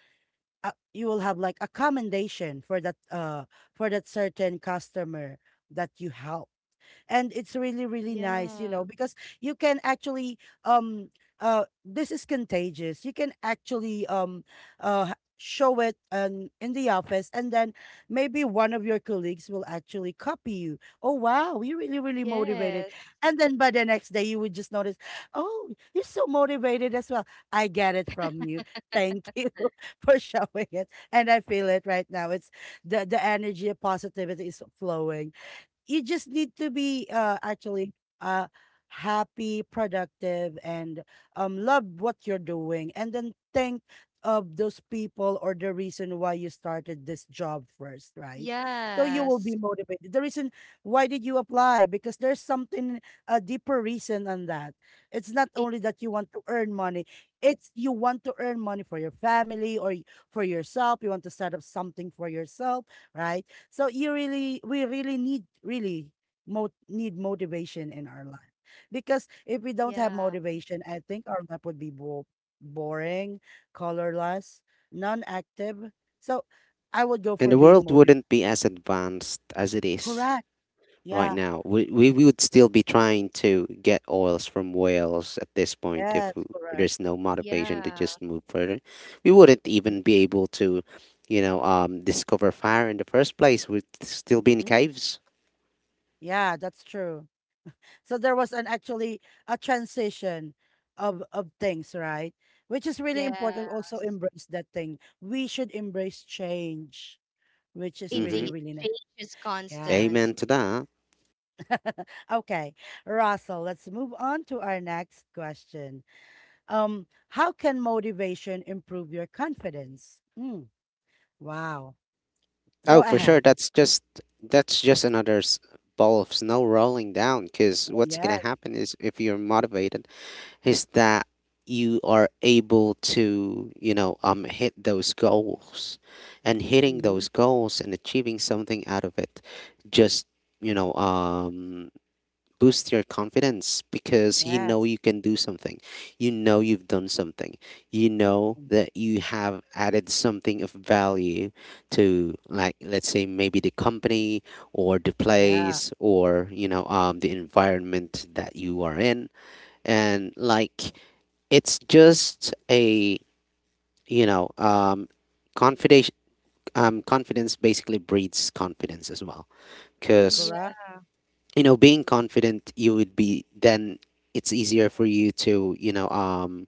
Speaker 1: you will have like a commendation for that certain customer that you help. And it's really really nice, you know,
Speaker 2: Yeah.
Speaker 1: because you can actually um this is contagious. You can actually show it in the office, and then maybe one of your colleagues will actually copy you. Oh wow, you're really really motivated.
Speaker 2: Yes.
Speaker 1: And then by the next day you would just notice, oh, you're so motivated as well. I get it from you. Thank you [LAUGHS] for showing it, and I feel it right now. It's the energy of positivity is flowing. You just need to be actually uh happy, productive, and love what you're doing, and then think of those people or the reason why you started this job first, right? So you will
Speaker 2: Yes.
Speaker 1: be motivated. The reason why did you apply? Because there's something, a deeper reason than that. It's not
Speaker 2: It,
Speaker 1: only that you want to earn money; it's you want to earn money for your family for yourself. You want to set up something for yourself, right? So you really, we really need, really need motivation in our life. Because if we don't have
Speaker 2: yeah.
Speaker 1: motivation, I think our life would be boring, colorless, non-active. So I would go
Speaker 3: And
Speaker 1: for
Speaker 3: the
Speaker 1: being
Speaker 3: world
Speaker 1: motivated.
Speaker 3: wouldn't be as advanced as it is
Speaker 1: Correct.
Speaker 3: right
Speaker 1: Yeah.
Speaker 3: now. We would still be trying to get oils from whales at this point if
Speaker 1: Yes.
Speaker 3: w-
Speaker 1: Correct.
Speaker 3: there's no motivation to
Speaker 2: Yeah.
Speaker 3: just move further. We wouldn't even be able to, discover fire in the first place. We'd still be in
Speaker 1: Mhm.
Speaker 3: caves.
Speaker 1: Yeah, that's true. So there was an actually a transition of things, right? Which is really
Speaker 2: Yeah.
Speaker 1: important. Also embrace that thing. We should embrace change, which is
Speaker 2: Indeed.
Speaker 1: really,
Speaker 3: Mm-hmm.
Speaker 1: really nice.
Speaker 2: Change is
Speaker 1: Yeah.
Speaker 2: constant.
Speaker 3: Amen to that.
Speaker 1: [LAUGHS] Okay, Russell, let's move on to our next question. How can motivation improve your confidence? Mm, wow. Go
Speaker 3: Oh, for sure.
Speaker 1: ahead.
Speaker 3: That's just, that's just another s- ball of snow rolling down. Because
Speaker 1: Oh,
Speaker 3: what's
Speaker 1: yes.
Speaker 3: gonna happen is, if you're motivated, is that you are able to, hit those goals. And hitting
Speaker 1: Mm-hmm.
Speaker 3: those goals and achieving something out of it just, you know um boost your confidence, because you know
Speaker 1: Yes.
Speaker 3: you can do something, you know you've done something, you know
Speaker 1: Mm,
Speaker 3: that you have added something of value to, like, let's say maybe the company or the
Speaker 1: yeah,
Speaker 3: place, or the environment that you are in. And like, it's just a, you know um, confidence. Confidence basically breeds confidence as well, because
Speaker 2: Yeah.
Speaker 1: correct.
Speaker 3: you know, being confident, you would be then, it's easier for you to,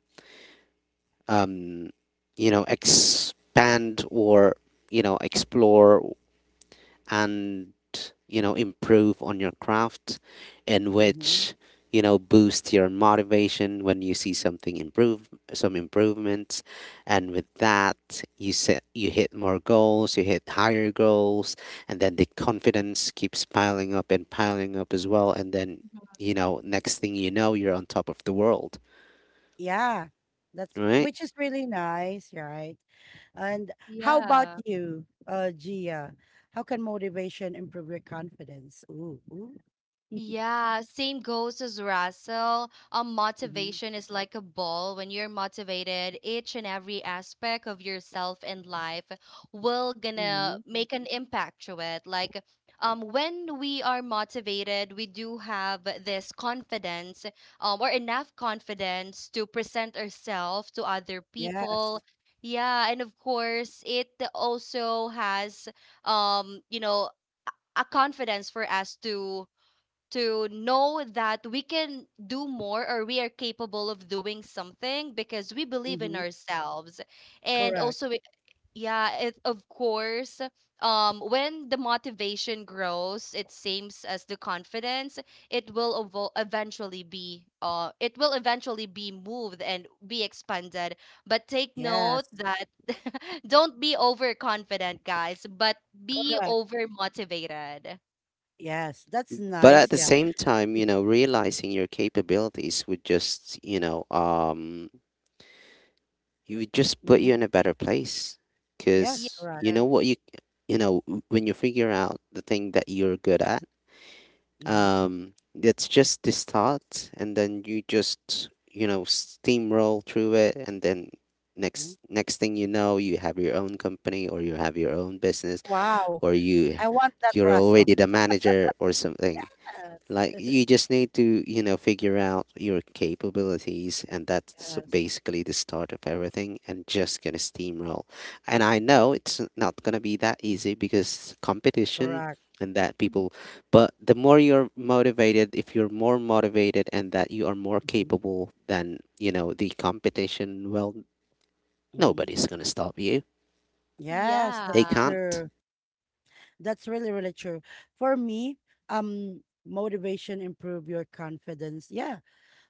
Speaker 3: um you know, expand or, you know, explore and, you know, improve on your craft. And
Speaker 1: Mm-hmm.
Speaker 3: which, you know, boost your motivation when you see something improve, some improvements. And with that, you set you hit more goals, you hit higher goals, and then the confidence keeps piling up and piling up as well. And then, you know, next thing you know, you're on top of the world,
Speaker 1: Yeah. That's
Speaker 3: right?
Speaker 1: which is really nice, right? And how about
Speaker 2: Yeah.
Speaker 1: you, Gia? How can motivation improve your confidence? Ooh, ooh. [LAUGHS]
Speaker 2: Yeah, same goes as Russell.
Speaker 1: Mm-hmm.
Speaker 2: Motivation is like a ball. When you're motivated, each and every aspect of yourself and life will gonna
Speaker 1: Mm-hmm.
Speaker 2: make an impact to it. Like, when we are motivated, we do have this confidence, or enough confidence to present ourselves to other
Speaker 1: Yes.
Speaker 2: people. Yeah, and of course, it also has, you know, a confidence for us to know that we can do more or we are capable of doing something because we believe in
Speaker 1: Mm-hmm.
Speaker 2: ourselves, and
Speaker 1: Correct.
Speaker 2: also yeah, it, of course, when the motivation grows, it seems as the confidence, eventually be it will eventually be moved and be expanded. But take
Speaker 1: Yes.
Speaker 2: note that [LAUGHS] don't be overconfident, guys, but be
Speaker 1: Correct.
Speaker 2: over motivated,
Speaker 1: Yes. That's
Speaker 3: But at
Speaker 1: nice.
Speaker 3: the
Speaker 1: Yeah.
Speaker 3: same time, you know, realizing your capabilities would just, you would just put
Speaker 1: Mm-hmm.
Speaker 3: you in a better place,
Speaker 1: Yes.
Speaker 3: because
Speaker 1: Correct.
Speaker 3: you
Speaker 2: yeah.
Speaker 3: know what, you know, w- when you figure out the thing that you're good at,
Speaker 1: Mm-hmm.
Speaker 3: that's just this thought, and then you just, you know, steamroll through it. And then,
Speaker 1: hmm
Speaker 3: next thing you know, you have your own company, or you have your own business,
Speaker 1: Wow.
Speaker 3: or
Speaker 1: I want that,
Speaker 3: you're
Speaker 1: Russell.
Speaker 3: already the manager or something. Like,
Speaker 1: Yes.
Speaker 3: you just need to, you know, figure out your capabilities, and that's
Speaker 1: Yes.
Speaker 3: basically the start of everything. And just gonna steamroll. And I know it's not gonna be that easy because competition
Speaker 1: Correct.
Speaker 3: and that people. But the more you're motivated, if you're more motivated, and that you are more
Speaker 1: Mm-hmm.
Speaker 3: capable than, you know, the competition, well,
Speaker 1: Mm-hmm.
Speaker 3: nobody's gonna stop you.
Speaker 1: Yes.
Speaker 3: They
Speaker 1: That's
Speaker 2: Yeah.
Speaker 3: can't.
Speaker 1: true. That's really, really true. For me, motivation improve your confidence. Yeah.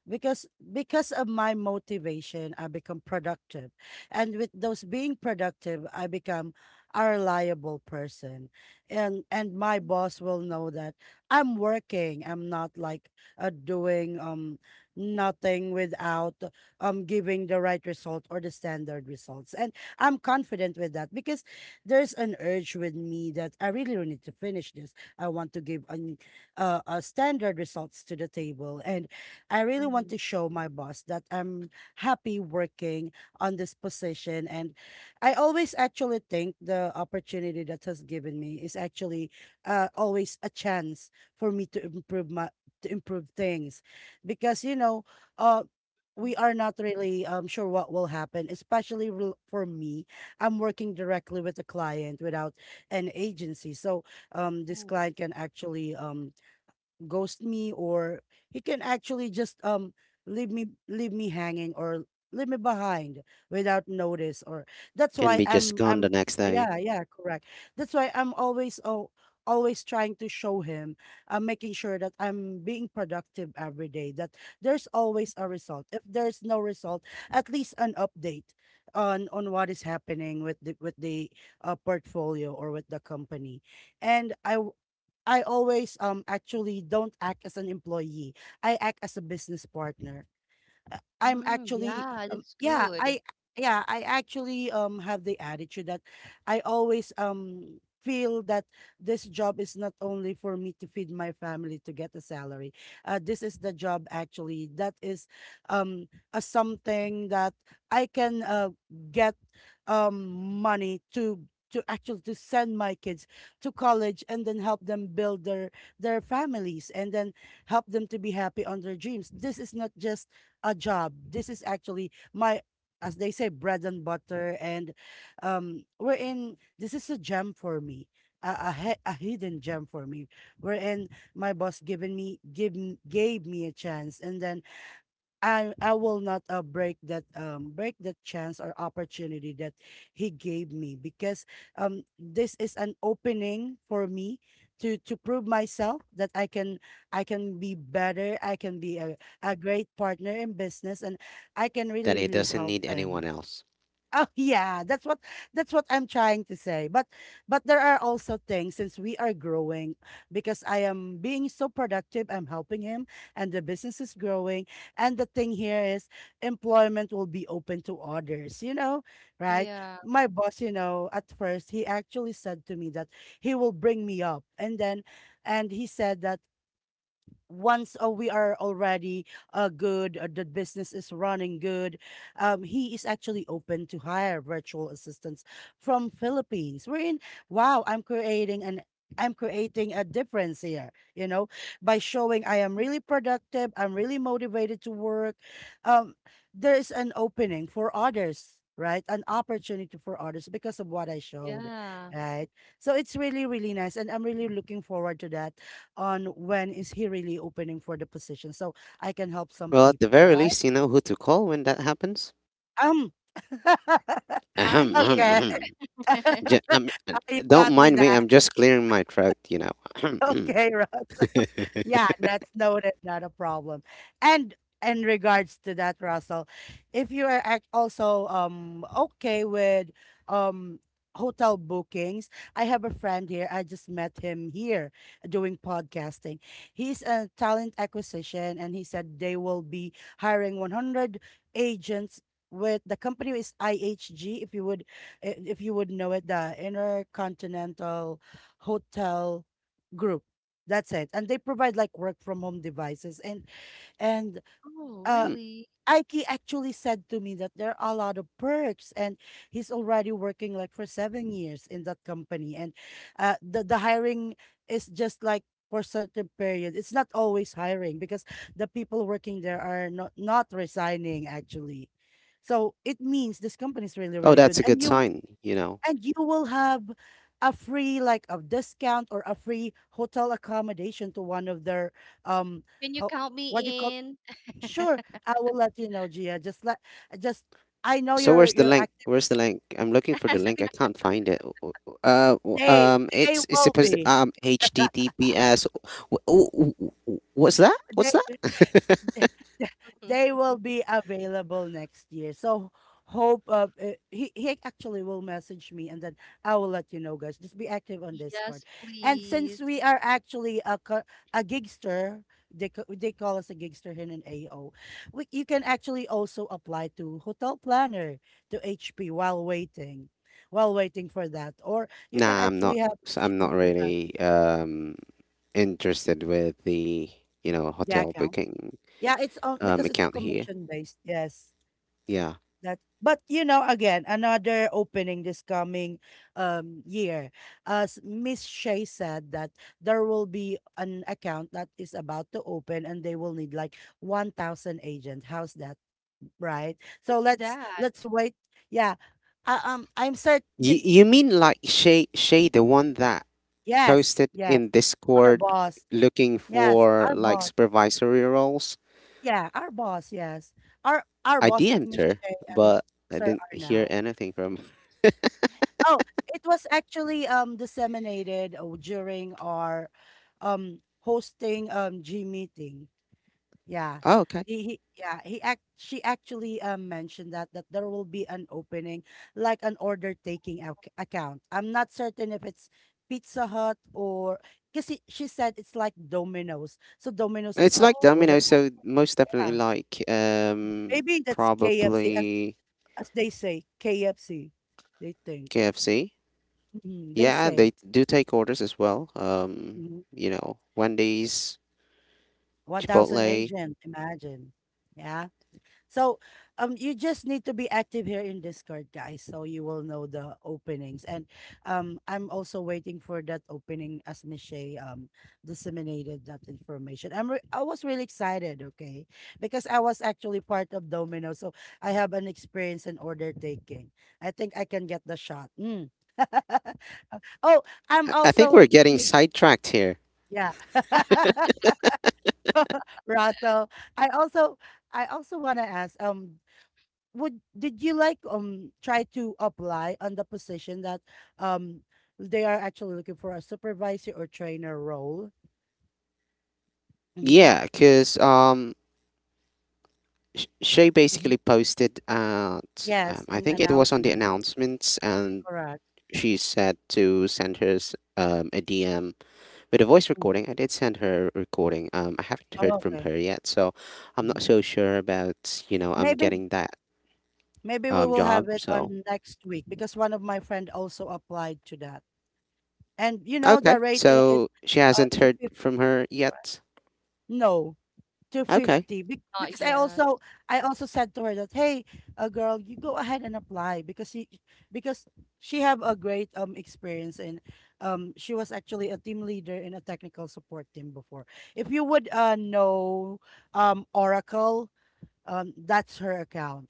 Speaker 1: because because of my motivation I become productive, and with those being productive I become a reliable person, and my boss will know that I'm working. I'm not like doing nothing without giving the right result or the standard results. And I'm confident with that because there's an urge with me that I really really need to finish this. I want to give an, a standard results to the table. And I really want
Speaker 2: Mhm.
Speaker 1: to show my boss that I'm happy working on this position. And I always actually think the opportunity that has given me is actually always a chance for me to improve my to improve things because you know uh we are not really sure what will happen, especially for me. I'm working directly with a client without an agency, so this
Speaker 2: Mhm.
Speaker 1: client can actually ghost me, or he can actually just leave me, hanging, or leave me behind without notice, or that's
Speaker 3: Can
Speaker 1: why
Speaker 3: be just
Speaker 1: I'm
Speaker 3: gone
Speaker 1: I'm
Speaker 3: the next day.
Speaker 1: yeah, yeah, correct. That's why I'm always oh, always trying to show him I'm making sure that I'm being productive every day, that there's always a
Speaker 2: Mhm.
Speaker 1: result. If there's no result, at least an update on what is happening with the portfolio or with the company. And I always actually don't act as an employee. I act as a business partner, I'm
Speaker 2: Mm,
Speaker 1: actually
Speaker 2: yeah, that's
Speaker 1: yeah,
Speaker 2: good.
Speaker 1: I, yeah, I actually have the attitude that I always feel that this job is not only for me to feed my family, to get a salary. This is the job actually that is um a something that I can get um money to actually to send my kids to college and then help them build their families, and then help them to be happy on their dreams. This is not just a job. This is actually my, as they say, bread and butter. And we're in, this is a gem for me, a hidden gem for me. Wherein my boss gave me a chance. And then I will not break that break that chance or opportunity that he gave me because this is an opening for me to prove myself that I can be better. I can be a great partner in business, and I can really
Speaker 3: That it
Speaker 1: really
Speaker 3: doesn't
Speaker 1: help
Speaker 3: need
Speaker 1: them.
Speaker 3: anyone else.
Speaker 1: Oh [LAUGHS] yeah, that's what, that's what I'm trying to say. But there are also things since we are growing, because I am being so productive, I'm helping him, and the business is growing, and the thing here is employment will be open to others, you know, right?
Speaker 2: Yeah.
Speaker 1: My boss, you know, at first he actually said to me that he will bring me up. And then and he said that once we are already good, the business is running good, he is actually open to hire virtual assistants from Philippines. We're in, wow, I'm creating an, I'm creating a difference here, you know, by showing I am really productive, I'm really motivated to work. Um, there's an opening for others, right? An opportunity for others because of what I showed,
Speaker 2: Yeah.
Speaker 1: right? So it's really, really nice. And I'm really looking forward to that on when is he really opening for the position so I can help some
Speaker 3: Well, at the
Speaker 1: people,
Speaker 3: very
Speaker 1: right?
Speaker 3: least, you know who to call when that happens.
Speaker 1: Um, [LAUGHS]
Speaker 2: I'm
Speaker 3: Ahem, ahem,
Speaker 2: here.
Speaker 1: okay.
Speaker 3: ahem. Ju-
Speaker 2: [LAUGHS]
Speaker 3: I
Speaker 1: [LAUGHS] You
Speaker 3: don't
Speaker 1: got me
Speaker 3: mind me.
Speaker 1: that.
Speaker 3: I'm
Speaker 1: [LAUGHS]
Speaker 3: just clearing my throat, you know. Ahem, ahem.
Speaker 1: Okay, right. Yeah,
Speaker 3: [LAUGHS]
Speaker 1: that's noted, not a problem. And in regards to that, Russell, if you are also okay with um hotel bookings, I have a friend here. I just met him here doing podcasting. He's a talent acquisition, and he said they will be hiring 100 agents. With the company is IHG, if you would, if you would know it, the Intercontinental Hotel Group. That's it. And they provide like work from home devices and
Speaker 2: Oh,
Speaker 1: uh
Speaker 3: Hmm.
Speaker 2: really?
Speaker 1: Ike actually said to me that there are a lot of perks and he's already working like for 7 years in that company and the hiring is just like for certain period. It's not always hiring because the people working there are not resigning actually. So it means this company is really,
Speaker 3: Oh,
Speaker 1: really
Speaker 3: that's
Speaker 1: good.
Speaker 3: a
Speaker 1: And
Speaker 3: good
Speaker 1: you
Speaker 3: sign, you know.
Speaker 1: and you will have a free like a discount or a free hotel accommodation to one of their um
Speaker 2: Can you
Speaker 1: ho-
Speaker 2: count
Speaker 1: what you call
Speaker 2: me in?
Speaker 1: sure. I will let you know, Gia. Just I know
Speaker 3: So
Speaker 1: you're
Speaker 3: where's the
Speaker 1: you're
Speaker 3: link?
Speaker 1: active.
Speaker 3: Where's the link? I'm looking for the
Speaker 1: just
Speaker 3: link.
Speaker 1: be,
Speaker 3: I can't find it. W-
Speaker 1: they they
Speaker 3: it's
Speaker 1: will
Speaker 3: supposed to
Speaker 1: be
Speaker 3: HTTPS. What's that? What's that?
Speaker 1: [LAUGHS] they
Speaker 2: [LAUGHS]
Speaker 1: will be available next year. So hope he actually will message me, and then I will let you know, guys. Just be active on
Speaker 2: Yes,
Speaker 1: Discord. And
Speaker 2: please.
Speaker 1: since we are actually a gigster, they call us a gigster here in AO. You can actually also apply to hotel planner, to HP while waiting, for that, or you can
Speaker 3: Nah, I'm
Speaker 1: actually
Speaker 3: not.
Speaker 1: have
Speaker 3: S- I'm
Speaker 1: HP
Speaker 3: not
Speaker 1: full time.
Speaker 3: really interested with the, you know,
Speaker 1: Yeah,
Speaker 3: hotel
Speaker 1: account.
Speaker 3: booking
Speaker 1: Yeah, it's on because it's a
Speaker 3: account here.
Speaker 1: commission based. Yes.
Speaker 3: Yeah.
Speaker 1: That, but you know, again, another opening this coming year. As Miss Shay said that there will be an account that is about to open, and they will need like 1,000 agents. How's that, right? So
Speaker 2: What's
Speaker 1: let's
Speaker 2: that?
Speaker 1: let's wait. Yeah. I'm certain.
Speaker 3: You mean like Shay Shay, the one that
Speaker 1: Yes,
Speaker 3: posted
Speaker 1: yes.
Speaker 3: in
Speaker 1: Our
Speaker 3: Discord
Speaker 1: boss.
Speaker 3: looking
Speaker 1: Yes,
Speaker 3: for
Speaker 1: our
Speaker 3: like
Speaker 1: boss.
Speaker 3: supervisory roles?
Speaker 1: Yeah, our boss. Yes, our
Speaker 3: I
Speaker 1: boss is
Speaker 3: DM'd
Speaker 1: Miss
Speaker 3: her,
Speaker 1: Shay and
Speaker 3: but I
Speaker 1: Sir
Speaker 3: didn't hear
Speaker 1: Arnell.
Speaker 3: anything from.
Speaker 1: Oh, it was actually disseminated during our hosting G meeting. Yeah.
Speaker 3: Oh, okay.
Speaker 1: He yeah, he act She actually mentioned that there will be an opening like an order taking ac account. I'm not certain if it's Pizza Hut, or because she said it's like Domino's. So Domino's is
Speaker 3: It's like
Speaker 1: actually
Speaker 2: Oh,
Speaker 1: order.
Speaker 3: Domino, so most definitely
Speaker 1: Yeah.
Speaker 3: like
Speaker 1: Maybe that's KFC,
Speaker 3: probably
Speaker 1: as they say, KFC, they think.
Speaker 3: KFC.
Speaker 1: Mhm, they
Speaker 3: Yeah, they
Speaker 1: say.
Speaker 3: do take orders as well.
Speaker 1: Mm-hmm.
Speaker 3: You know, Wendy's,
Speaker 1: 1,000
Speaker 3: Chipotle.
Speaker 1: agent, imagine. Yeah. So you just need to be active here in Discord, guys, so you will know the openings. And I'm also waiting for that opening as Michelle disseminated that information. I was really excited, okay? Because I was actually part of Domino, so I have an experience in order taking. I think I can get the shot. Mm. [LAUGHS] oh, I'm
Speaker 3: I think we're
Speaker 1: also
Speaker 3: getting
Speaker 1: cu-
Speaker 3: sidetracked here.
Speaker 1: yeah. [LAUGHS] Russell. I also I also want to ask would did you like try to apply on the position that um they are actually looking for a supervisor or trainer role? Mm-hmm.
Speaker 3: Yeah, because Sh- Shay basically
Speaker 1: Mm-hmm.
Speaker 3: posted at,
Speaker 1: Yes,
Speaker 3: I
Speaker 1: an
Speaker 3: think it was on the
Speaker 1: announcement.
Speaker 3: announcements, and
Speaker 1: Correct.
Speaker 3: she said to send her s- a DM with a voice
Speaker 1: Mm.
Speaker 3: recording. I did send her a recording. I haven't
Speaker 1: Oh,
Speaker 3: heard from
Speaker 1: okay.
Speaker 3: her yet, so I'm not
Speaker 1: Mhm.
Speaker 3: so sure about, you know, I'm
Speaker 1: Maybe
Speaker 3: getting that
Speaker 1: we will
Speaker 3: job.
Speaker 1: have it
Speaker 3: So,
Speaker 1: on next week because one of my friend also applied to that. And you know the
Speaker 3: okay.
Speaker 1: rate is
Speaker 3: So she
Speaker 1: uh
Speaker 3: hasn't
Speaker 1: to
Speaker 3: heard
Speaker 1: 50
Speaker 3: from her yet.
Speaker 1: No, to
Speaker 3: Okay.
Speaker 1: 50.
Speaker 2: not
Speaker 1: Because
Speaker 2: yet.
Speaker 1: I also said to her that, hey, girl, you go ahead and apply, because because she have a great experience, and she was actually a team leader in a technical support team before. If you would know, Oracle, that's her account.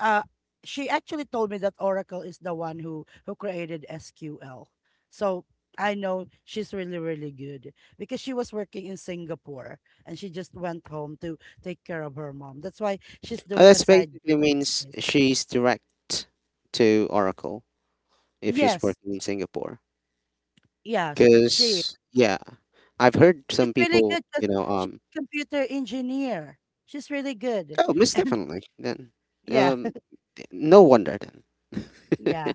Speaker 1: uh she actually told me that Oracle is the one who created SQL. So I know she's really, really good, because she was working in Singapore, and she just went home to take care of her mom. That's why she's doing a
Speaker 3: That's
Speaker 1: side gig
Speaker 3: basically means
Speaker 1: like this.
Speaker 3: she's direct to Oracle if she's
Speaker 1: Yes,
Speaker 3: working in Singapore.
Speaker 1: yes she
Speaker 3: Because yeah, I've heard
Speaker 1: she's
Speaker 3: some
Speaker 1: really
Speaker 3: people,
Speaker 1: good, 'cause she's a computer engineer. She's really good,
Speaker 3: oh, miss definitely. Then,
Speaker 1: yeah.
Speaker 3: um, no wonder then.
Speaker 1: Yeah.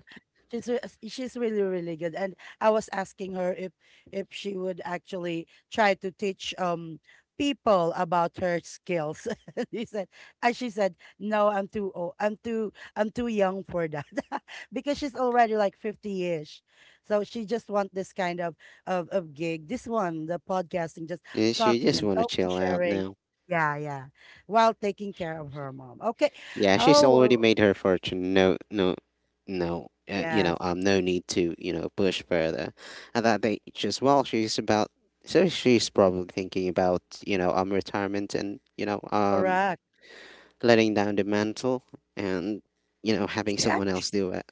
Speaker 1: She's really, really good, and I was asking her if she would actually try to teach people about her skills. [LAUGHS] she said she said, no, I'm too old. I'm too young for that. [LAUGHS] because she's already like 50ish. So she just want this kind of gig. This one, the podcasting, just
Speaker 3: Yeah, she
Speaker 1: talking
Speaker 3: just
Speaker 1: and
Speaker 3: want to
Speaker 1: talking,
Speaker 3: chill out
Speaker 1: sharing.
Speaker 3: now.
Speaker 1: Yeah, yeah. While taking care of her mom. Okay.
Speaker 3: Yeah, she's
Speaker 1: Oh,
Speaker 3: already
Speaker 1: well,
Speaker 3: made her fortune. No, no, no.
Speaker 1: yes.
Speaker 3: No need to, you know, push further at that age as well. She's about, so she's probably thinking about, retirement and
Speaker 1: Correct.
Speaker 3: letting down the mantle and, you know, having
Speaker 1: She
Speaker 3: someone else do it.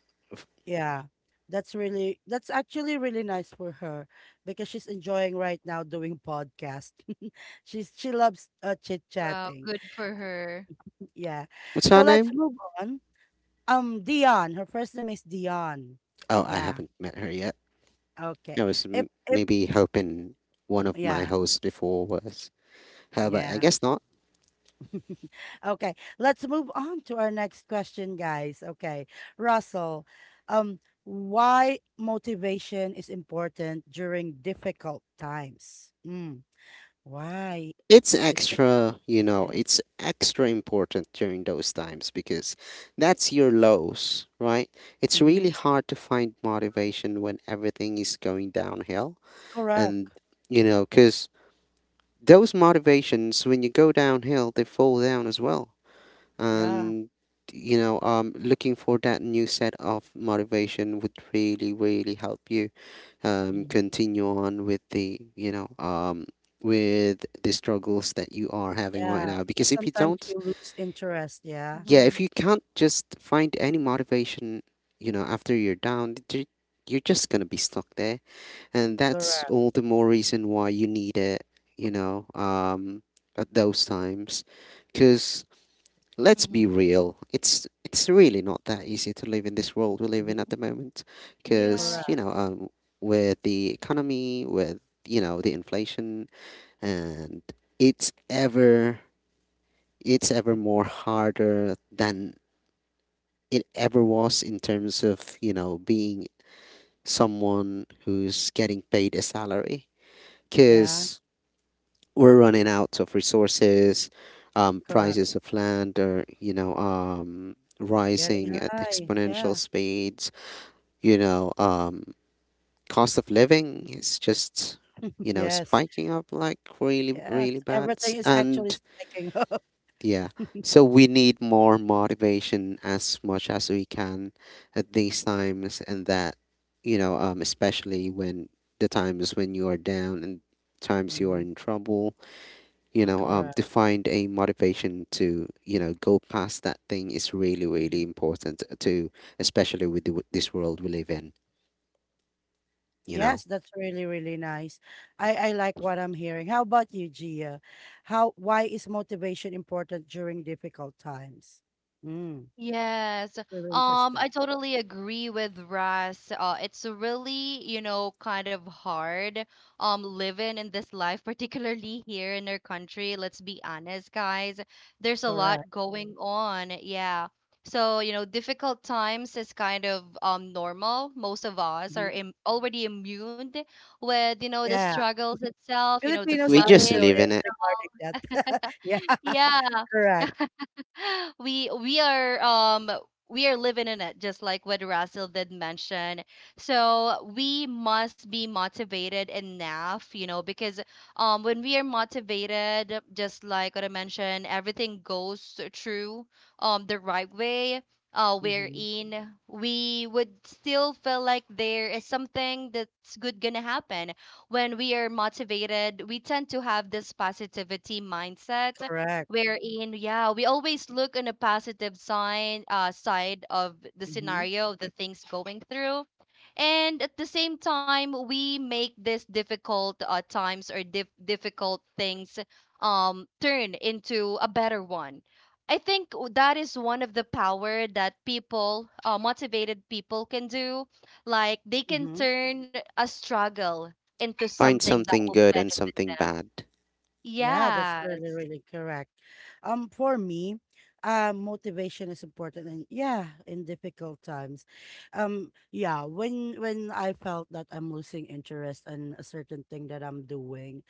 Speaker 1: Yeah, that's actually really nice for her because she's enjoying right now doing podcast. [LAUGHS] She loves chit
Speaker 2: Wow,
Speaker 1: chatting.
Speaker 2: good for her.
Speaker 1: Yeah,
Speaker 3: What's her
Speaker 1: so let's
Speaker 3: name?
Speaker 1: move on. Dion. Her first name is Dion.
Speaker 3: Oh, I
Speaker 1: Yeah.
Speaker 3: haven't met her yet.
Speaker 1: Okay.
Speaker 3: I was m-
Speaker 1: If
Speaker 3: maybe hoping one of
Speaker 1: yeah
Speaker 3: my hosts before was her, but I
Speaker 1: yeah
Speaker 3: guess not.
Speaker 1: okay. Let's move on to our next question, guys. Okay, Russell. Um, why motivation is important during difficult times? Mm, why?
Speaker 3: It's
Speaker 1: Is it
Speaker 3: extra, you know,
Speaker 1: it.
Speaker 3: it's extra important during those times because that's your lows, right? It's really
Speaker 1: Mhm.
Speaker 3: hard to find motivation when everything is going downhill. And,
Speaker 1: Correct.
Speaker 3: you know, because those motivations, when you go downhill, they fall down as well.
Speaker 1: Yeah.
Speaker 3: And, looking for that new set of motivation would really, really help you
Speaker 1: Mm.
Speaker 3: continue on with the, with the struggles that you are having right
Speaker 1: Yeah,
Speaker 3: now.
Speaker 1: because
Speaker 3: Because if you
Speaker 1: sometimes
Speaker 3: don't,
Speaker 1: you lose interest. Yeah.
Speaker 3: yeah,
Speaker 2: Mm-hmm.
Speaker 3: if you can't just find any motivation, after you're down, you're just gonna be stuck there, and that's
Speaker 1: Correct.
Speaker 3: all the more reason why you need it. You know, um, at those times, because let's be
Speaker 2: Mm-hmm.
Speaker 3: real. It's really not that easy to live in this world we live in
Speaker 1: Mhm.
Speaker 3: at the moment,
Speaker 2: Yeah.
Speaker 3: because
Speaker 1: Correct.
Speaker 3: with the economy, with the inflation, and it's ever it's ever more harder than it ever was in terms of being someone who's getting paid a salary,
Speaker 1: Yeah.
Speaker 3: because we're running out of resources. Um,
Speaker 1: Correct.
Speaker 3: prices of land are, rising
Speaker 1: Getting
Speaker 3: at
Speaker 1: high.
Speaker 3: exponential
Speaker 1: Yeah.
Speaker 3: speeds. You know, um, cost of living
Speaker 1: [LAUGHS]
Speaker 3: is just,
Speaker 1: Yes.
Speaker 3: spiking up like really,
Speaker 1: Yes.
Speaker 3: really bad.
Speaker 1: Everything is actually
Speaker 3: And
Speaker 1: spiking up.
Speaker 3: yeah,
Speaker 1: [LAUGHS]
Speaker 3: so we need more motivation as much as we can at these times, and that, especially when the times when you are down and times you are
Speaker 1: Mhm.
Speaker 3: in trouble,
Speaker 2: Mm-hmm.
Speaker 1: Correct.
Speaker 3: to find a motivation to go past that thing is really really
Speaker 1: Mhm.
Speaker 3: important to, especially with this world we live in, you
Speaker 1: Yes,
Speaker 3: know
Speaker 1: that's really, really nice. I like what I'm hearing. How about you, Gia? How, why is motivation important during difficult times? Mm,
Speaker 2: Yes.
Speaker 1: really interesting.
Speaker 2: I totally agree with Russ. It's really, you know, kind of hard living in this life, [LAUGHS] particularly here in our country. Let's be honest, guys. There's a
Speaker 1: Correct.
Speaker 2: lot going on. Yeah. So, you know, difficult times is kind of normal. Most of us
Speaker 1: Mhm.
Speaker 2: are Im already immune with, you know, the
Speaker 1: Yeah.
Speaker 2: struggles itself, you know, the
Speaker 1: Filipinos
Speaker 3: we
Speaker 1: are
Speaker 3: just
Speaker 2: flooding.
Speaker 3: live
Speaker 1: resilient
Speaker 3: in it,
Speaker 1: regarding that. [LAUGHS] yeah,
Speaker 2: Yeah,
Speaker 1: correct.
Speaker 2: [LAUGHS] we are we are living in it just like what Russell did mention. So we must be motivated enough, you know, because when we are motivated, just like what I mentioned, everything goes through the right way.
Speaker 1: Hmm.
Speaker 2: Wherein we would still feel like there is something that's good gonna happen. When we are motivated, we tend to have this positivity mindset
Speaker 1: Correct.
Speaker 2: wherein, yeah, we always look on a positive sign, side of the
Speaker 1: Hmm.
Speaker 2: scenario of the things going through, and at the same time we make this difficult times or difficult things turn into a better one. I think that is one of the power that people, motivated people, can do. Like, they can
Speaker 1: Hmm.
Speaker 2: turn a struggle into
Speaker 3: find
Speaker 2: something that
Speaker 3: something
Speaker 2: will
Speaker 3: good and
Speaker 2: benefit
Speaker 3: something
Speaker 2: them.
Speaker 3: bad,
Speaker 1: Yeah, that's really,
Speaker 2: Yes.
Speaker 1: really correct. For me, motivation is important, and yeah, in difficult times, yeah, when I felt that I'm losing interest in a certain thing that I'm doing,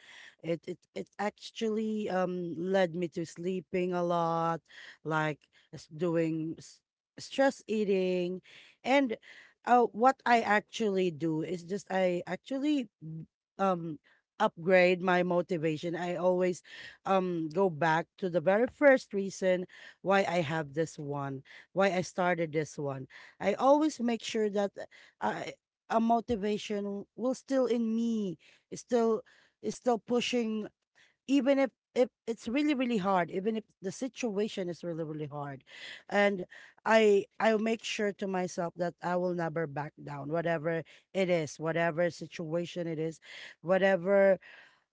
Speaker 1: it actually led me to sleeping a lot, like s- doing s- stress eating, and what I actually do is just I actually um upgrade my motivation. I always go back to the very first reason why I have this one, why I started this one. I always make sure that I a motivation will still in me, is still is still pushing, even if it's really, really hard, even if the situation is really, really hard. And I'll make sure to myself that I will never back down whatever it is, whatever situation it is, whatever,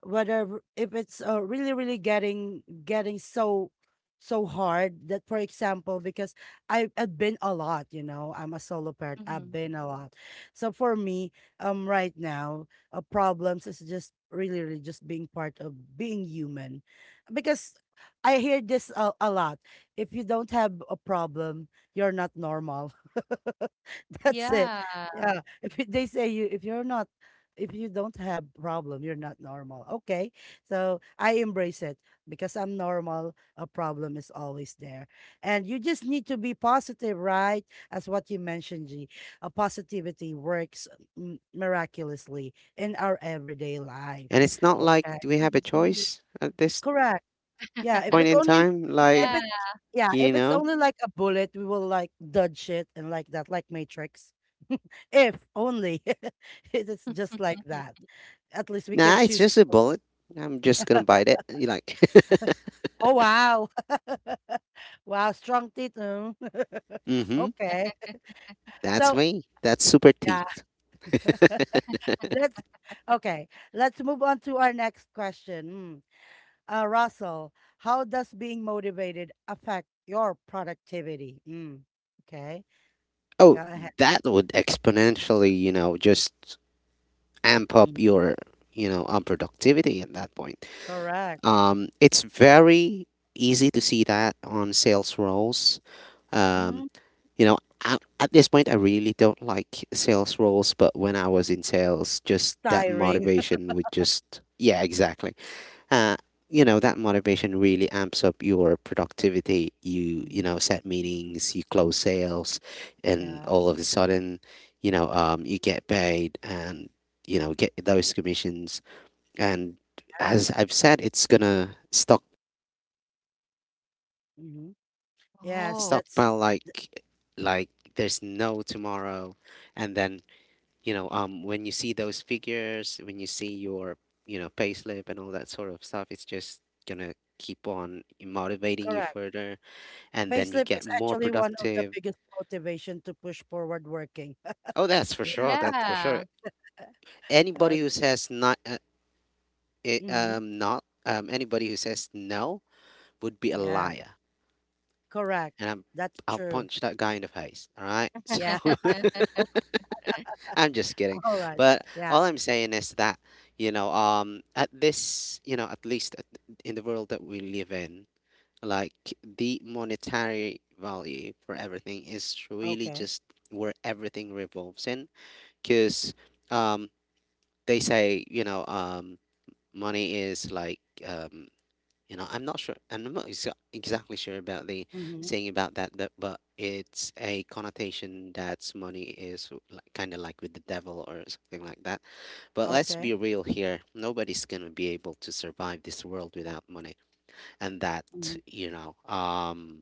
Speaker 1: whether if it's really, really getting so hard. That, for example, because I've been a lot. You know, I'm a solo parent. I've
Speaker 2: Mm-hmm.
Speaker 1: been a lot. So for me, right now, problems is just really, really just being part of being human. Because I hear this a lot. If you don't have a problem, you're not normal. [LAUGHS] That's it.
Speaker 2: Yeah.
Speaker 1: Yeah, if you- they say, you, if you're not, if you don't have problem, you're not normal. Okay. So I embrace it because I'm normal. A problem is always there. And you just need to be positive, right? As what you mentioned, G. A positivity works, mm, miraculously in our everyday life.
Speaker 3: and it's not like
Speaker 1: Okay.
Speaker 3: we have a
Speaker 2: Indeed.
Speaker 3: choice at this
Speaker 1: Correct. Yeah. If we
Speaker 3: point in
Speaker 1: only
Speaker 3: time, like,
Speaker 1: if
Speaker 2: Yeah.
Speaker 1: it yeah, if
Speaker 3: you
Speaker 1: it's
Speaker 3: know
Speaker 1: only like a bullet, we will like dodge it and like that, like Matrix. [LAUGHS] if only [LAUGHS] if it's just like that.
Speaker 2: [LAUGHS]
Speaker 1: At least we can
Speaker 3: nah, it's
Speaker 1: choose.
Speaker 3: just a bullet, I'm just gonna
Speaker 1: [LAUGHS]
Speaker 3: bite it you like.
Speaker 1: Oh wow. [LAUGHS] wow, strong teeth. Mm.
Speaker 3: [LAUGHS]
Speaker 1: [LAUGHS]
Speaker 3: Mm-hmm.
Speaker 1: okay.
Speaker 3: That's
Speaker 1: So
Speaker 3: me. That's super
Speaker 1: yeah.
Speaker 3: teeth.
Speaker 1: [LAUGHS]
Speaker 3: [LAUGHS]
Speaker 1: let's okay. Let's move on to our next question. Mm. Russell, how does being motivated affect your productivity? Mm. Okay. Go
Speaker 3: Oh,
Speaker 1: ahead.
Speaker 3: that would exponentially, just amp up
Speaker 1: Mm.
Speaker 3: your productivity at that point.
Speaker 1: Correct.
Speaker 3: It's very easy to see that on sales roles. um,
Speaker 1: Hmm.
Speaker 3: you know I, at this point, I really don't like sales roles, but when I was in sales,
Speaker 1: It's
Speaker 3: just that
Speaker 1: tiring.
Speaker 3: motivation would just, yeah, exactly. Uh, you know that motivation really amps up your productivity. You
Speaker 1: Mhm.
Speaker 3: know set meetings, you close sales, and
Speaker 1: Yeah.
Speaker 3: all of a sudden, you get paid and get those commissions, and
Speaker 1: Yeah.
Speaker 3: as I've said, it's gonna stock
Speaker 1: Hmm. Yes,
Speaker 2: Oh.
Speaker 1: that's
Speaker 3: stockpile like there's no tomorrow. And then, when you see those figures, when you see your payslip and all that sort of stuff, it's just gonna keep on motivating you
Speaker 1: correct.
Speaker 3: further, and then you
Speaker 1: Payslip
Speaker 3: get
Speaker 1: is
Speaker 3: more
Speaker 1: actually one of the
Speaker 3: productive.
Speaker 1: biggest motivation to push forward working.
Speaker 3: Oh,
Speaker 1: [LAUGHS]
Speaker 3: that's for
Speaker 1: Yeah.
Speaker 3: sure. That's for
Speaker 2: Yeah.
Speaker 3: sure.
Speaker 1: Uh,
Speaker 3: Anybody who says not, eh,
Speaker 1: hmm.
Speaker 3: not, anybody who says no would be a
Speaker 1: Yeah.
Speaker 3: liar,
Speaker 1: Correct.
Speaker 3: and
Speaker 1: That's
Speaker 3: I'll
Speaker 1: true.
Speaker 3: punch that guy in the face. All right. [LAUGHS]
Speaker 1: Yeah.
Speaker 3: So
Speaker 1: [LAUGHS] Okay.
Speaker 3: [LAUGHS] I'm just kidding,
Speaker 1: All right.
Speaker 3: but
Speaker 1: Yeah.
Speaker 3: all I'm saying is that at this, in the world that we live in, like the monetary value for everything is really
Speaker 1: Okay.
Speaker 3: just where everything revolves in, because they say, money is like, um I'm not sure, and I'm not exactly sure about the
Speaker 1: Mm-hmm.
Speaker 3: saying about that. But it's a connotation that money is like, kind of like with the devil or something like that. But let's be
Speaker 1: Okay.
Speaker 3: real here, nobody's gonna be able to survive this world without money, and that,
Speaker 1: Mm-hmm.
Speaker 3: you know um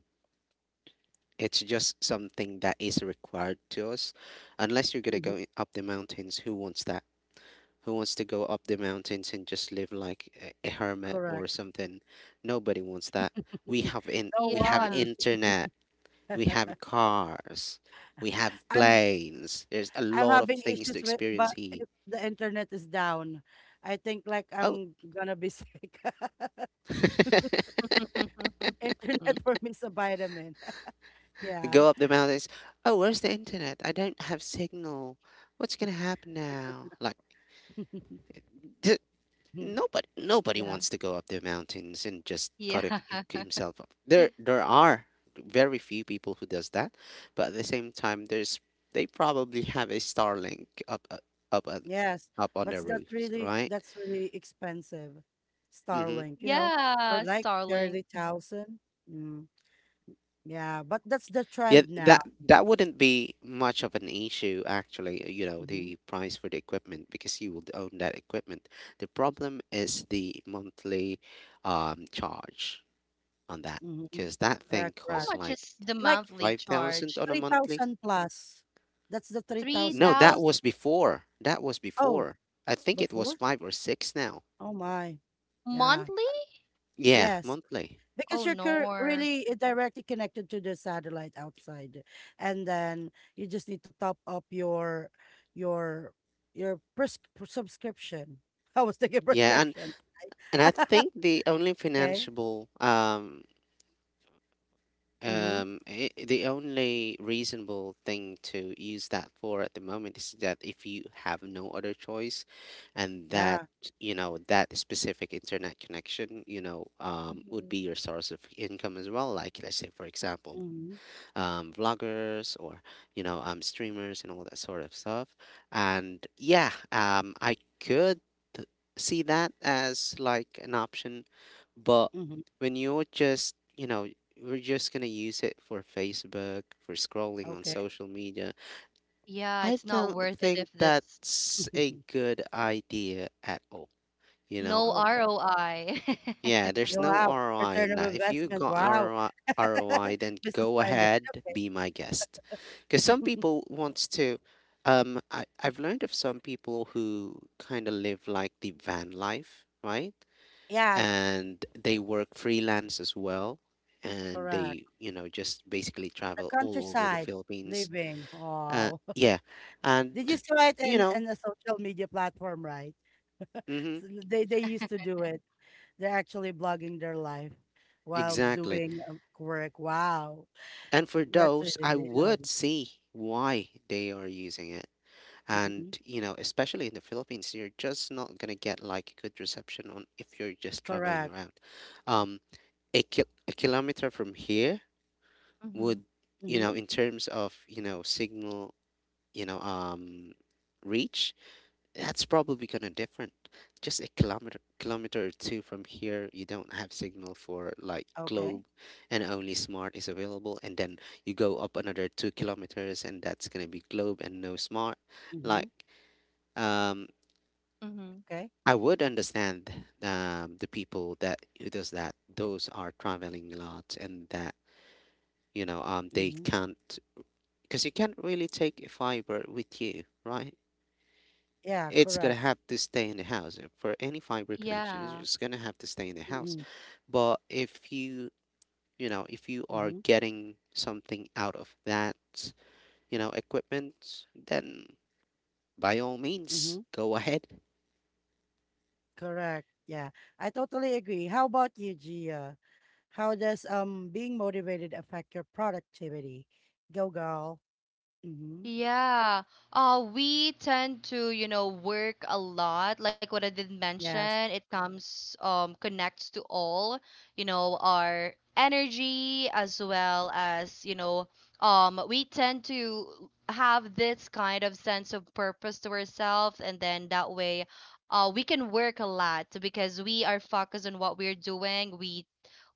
Speaker 3: it's just something that is required to us, unless you're gonna
Speaker 1: Hmm.
Speaker 3: go up the mountains. Who wants that? Who wants to go up the mountains and just live like a hermit or
Speaker 1: Correct.
Speaker 3: something? Nobody wants that. We
Speaker 1: [LAUGHS]
Speaker 3: have in
Speaker 1: No
Speaker 3: we have
Speaker 2: Yeah.
Speaker 1: one.
Speaker 3: internet, we have cars, we have
Speaker 1: [LAUGHS] I'm
Speaker 3: planes. There's a
Speaker 1: I'm
Speaker 3: lot of
Speaker 1: having
Speaker 3: things to
Speaker 1: issues with,
Speaker 3: experience
Speaker 1: but
Speaker 3: here.
Speaker 1: if the internet is down, I think like
Speaker 3: Oh,
Speaker 1: I'm gonna be sick. [LAUGHS]
Speaker 3: [LAUGHS]
Speaker 1: Internet
Speaker 2: [LAUGHS]
Speaker 1: [LAUGHS] for me is a vitamin. [LAUGHS] Yeah.
Speaker 3: go up the mountains. Oh, where's the internet? I don't have signal. What's gonna happen now? Like,
Speaker 1: [LAUGHS]
Speaker 3: th- nobody, nobody
Speaker 1: Yeah.
Speaker 3: wants to go up the mountains and just
Speaker 2: Yeah.
Speaker 3: cut
Speaker 2: [LAUGHS]
Speaker 3: himself up. There are very few people who does that, but at the same time, there's, they probably have a Starlink up, on-
Speaker 1: Yes.
Speaker 3: up on
Speaker 1: But
Speaker 3: their
Speaker 1: that's
Speaker 3: roofs,
Speaker 1: really,
Speaker 3: right?
Speaker 1: that's really expensive.
Speaker 3: Mm-hmm.
Speaker 1: Starlink, you know,
Speaker 2: Yeah,
Speaker 1: or like
Speaker 2: Starlink.
Speaker 1: 30,000. Mm. Yeah, but that's the
Speaker 3: Yeah,
Speaker 1: trend now.
Speaker 3: that that wouldn't be much of an issue actually, you know,
Speaker 1: Hmm.
Speaker 3: the price for the equipment because you would own that equipment. The problem is the monthly charge on that,
Speaker 1: Hmm.
Speaker 3: because that
Speaker 1: Yeah,
Speaker 3: thing
Speaker 2: How
Speaker 1: correct.
Speaker 3: cost
Speaker 2: much
Speaker 3: like
Speaker 2: is the
Speaker 1: Like
Speaker 2: monthly
Speaker 3: 5,000
Speaker 2: charge?
Speaker 3: on a monthly.
Speaker 1: 3,000 plus. That's the
Speaker 3: No,
Speaker 1: 3,000
Speaker 3: that
Speaker 1: plus.
Speaker 2: 3,000
Speaker 3: was before. That was
Speaker 1: Oh,
Speaker 3: before. I think it was
Speaker 1: before?
Speaker 3: 5 or 6 now.
Speaker 1: Oh my. Yeah.
Speaker 2: monthly?
Speaker 3: Yeah,
Speaker 1: Yes.
Speaker 3: monthly.
Speaker 1: Because
Speaker 2: Oh no.
Speaker 1: really directly connected to the satellite outside, and then you just need to top up your your your pres- subscription. [LAUGHS] I was thinking
Speaker 3: Yeah, and
Speaker 1: prescription.
Speaker 3: and I think
Speaker 1: [LAUGHS] okay. Mm-hmm.
Speaker 3: The only reasonable thing to use that for at the moment is that if you have no other choice, and that,
Speaker 1: Yeah.
Speaker 3: that specific internet connection, would be
Speaker 2: Mhm.
Speaker 3: your source of income as well. Like let's say, for example,
Speaker 1: Mm-hmm.
Speaker 3: vloggers or streamers and all that sort of stuff. And yeah, I could see that as like an option, but
Speaker 1: Mm-hmm.
Speaker 3: when you're just you know we're just gonna use it for Facebook, for scrolling on
Speaker 1: Okay.
Speaker 3: social media.
Speaker 2: Yeah,
Speaker 3: I
Speaker 2: it's not
Speaker 3: don't
Speaker 2: worth it
Speaker 3: think
Speaker 2: if that's
Speaker 3: that's
Speaker 1: [LAUGHS]
Speaker 3: a good idea at all. You know,
Speaker 2: no
Speaker 1: okay.
Speaker 2: ROI.
Speaker 3: yeah,
Speaker 2: [LAUGHS]
Speaker 3: there's
Speaker 1: Yeah,
Speaker 3: no
Speaker 1: wow,
Speaker 3: ROI
Speaker 1: return
Speaker 3: on
Speaker 1: of
Speaker 3: that. If you
Speaker 1: investment,
Speaker 3: got
Speaker 1: wow.
Speaker 3: ROI, then
Speaker 1: [LAUGHS] Business
Speaker 3: go
Speaker 1: minded.
Speaker 3: ahead, be my guest. Because some
Speaker 1: Okay.
Speaker 3: people wants to, I've learned of some people who kind of live like the van life, right?
Speaker 1: [LAUGHS] Yeah,
Speaker 3: And they work freelance as well, and
Speaker 1: correct.
Speaker 3: they, just basically
Speaker 1: The
Speaker 3: travel all over the
Speaker 1: countryside
Speaker 3: Philippines.
Speaker 1: living,
Speaker 3: Uh,
Speaker 1: wow.
Speaker 3: yeah,
Speaker 1: Did you
Speaker 3: and
Speaker 1: saw it
Speaker 3: you know,
Speaker 1: in a social media platform, right?
Speaker 3: mm-hmm,
Speaker 1: So they used to do it. They're actually blogging their life while
Speaker 3: exactly.
Speaker 1: doing work. Wow,
Speaker 3: And for
Speaker 1: that's really,
Speaker 3: those, I
Speaker 1: really
Speaker 3: would
Speaker 1: lovely.
Speaker 3: see why they are using it. And,
Speaker 1: Hmm.
Speaker 3: especially in the Philippines, you're just not gonna get like good reception on if you're just traveling
Speaker 1: Correct.
Speaker 3: around. Um, a kilometer from here
Speaker 2: hmm
Speaker 3: would,
Speaker 1: Hmm.
Speaker 3: in terms of, signal, you know, um, reach, that's probably gonna different. Just a kilometer or two from here, you don't have signal for like
Speaker 1: Okay.
Speaker 3: globe, and only smart is available. And then you go up another 2 kilometers and that's gonna be globe and no smart.
Speaker 1: Hmm.
Speaker 3: Like, um
Speaker 2: hmm
Speaker 1: Okay.
Speaker 3: I would understand, the people that who does that, those are traveling a lot, and that, they
Speaker 1: Hmm.
Speaker 3: can't, because you can't really take a fiber with you, right?
Speaker 1: Yeah.
Speaker 3: It's gonna
Speaker 1: Correct.
Speaker 3: have to stay in the house, for any fiber connection. It's
Speaker 2: Yeah.
Speaker 3: just gonna have to stay in the
Speaker 1: Hmm.
Speaker 3: house. But if you, you know if you are
Speaker 1: Hmm.
Speaker 3: getting something out of that, equipment, then by all
Speaker 1: Hmm.
Speaker 3: means go ahead.
Speaker 1: Correct. Yeah, I totally agree. How about you, Gia? How does being motivated affect your productivity? Go girl. Hmm.
Speaker 2: Yeah. We tend to, you know, work a lot. Like what I did mention,
Speaker 1: Yes.
Speaker 2: it comes, connects to all, you know, our energy as well as, you know, we tend to have this kind of sense of purpose to ourselves, and then that way, we can work a lot because we are focused on what we're doing.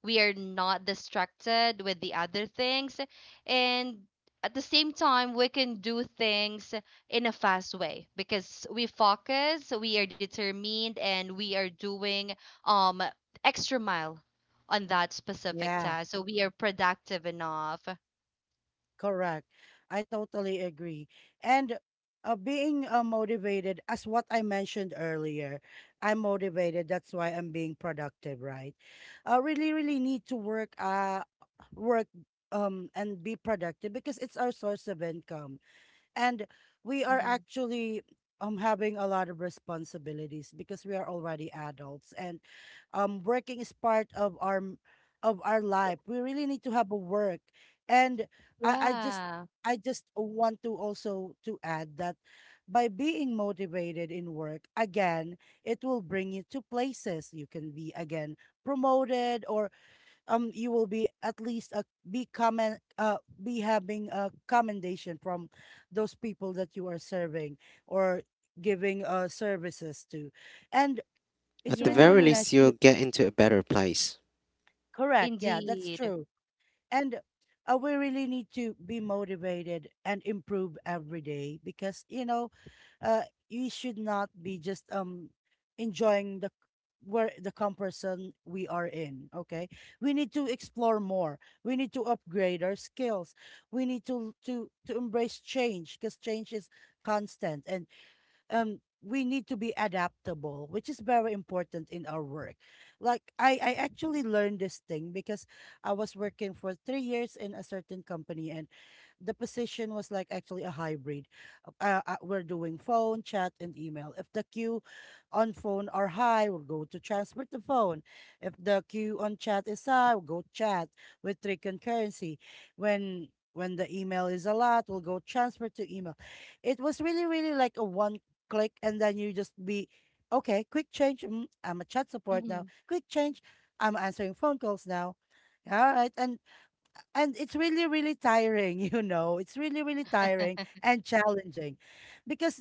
Speaker 2: We are not distracted with the other things. And at the same time we can do things in a fast way because we focus, we are determined, and we are doing um extra mile on that specific
Speaker 1: Yeah.
Speaker 2: task, so we are productive enough.
Speaker 1: Correct. I totally agree. And being motivated, as what I mentioned earlier, I'm motivated. That's why I'm being productive, right? I really, really need to work, work, and be productive because it's our source of income, and we are
Speaker 2: Hmm
Speaker 1: actually having a lot of responsibilities because we are already adults. And working is part of of our life. We really need to have a work. And I I just
Speaker 2: Yeah.
Speaker 1: I just want to also to add that by being motivated in work, again, it will bring you to places. You can be, again, promoted, or you will be at least a be comment be having a commendation from those people that you are serving, or giving services to. And it's
Speaker 3: At the
Speaker 1: really,
Speaker 3: very
Speaker 1: really
Speaker 2: Yes.
Speaker 1: nice
Speaker 3: least, you'll
Speaker 1: to,
Speaker 3: get into a better place.
Speaker 1: correct. Yeah, that's
Speaker 2: Indeed.
Speaker 1: true. And we really need to be motivated and improve every day, because, you know, uh we should not be just enjoying the where the comparison we are in. Okay, we need to explore more. We need to upgrade our skills. We need to embrace change because change is constant. And um we need to be adaptable, which is very important in our work. Like I actually learned this thing because I was working for 3 years in a certain company, and the position was like actually a hybrid. We're doing phone, chat, and email. If the queue on phone are high, we'll go to transfer to phone. If the queue on chat is high, we'll go chat with three concurrency. When the email is a lot, we'll go transfer to email. It was really, really like a one click, and then you just be okay. Quick change. Mm, I'm a chat support
Speaker 2: Hmm
Speaker 1: now. Quick change. I'm answering phone calls now. All right, and it's really, really tiring. [LAUGHS] You know, it's really, really tiring and challenging because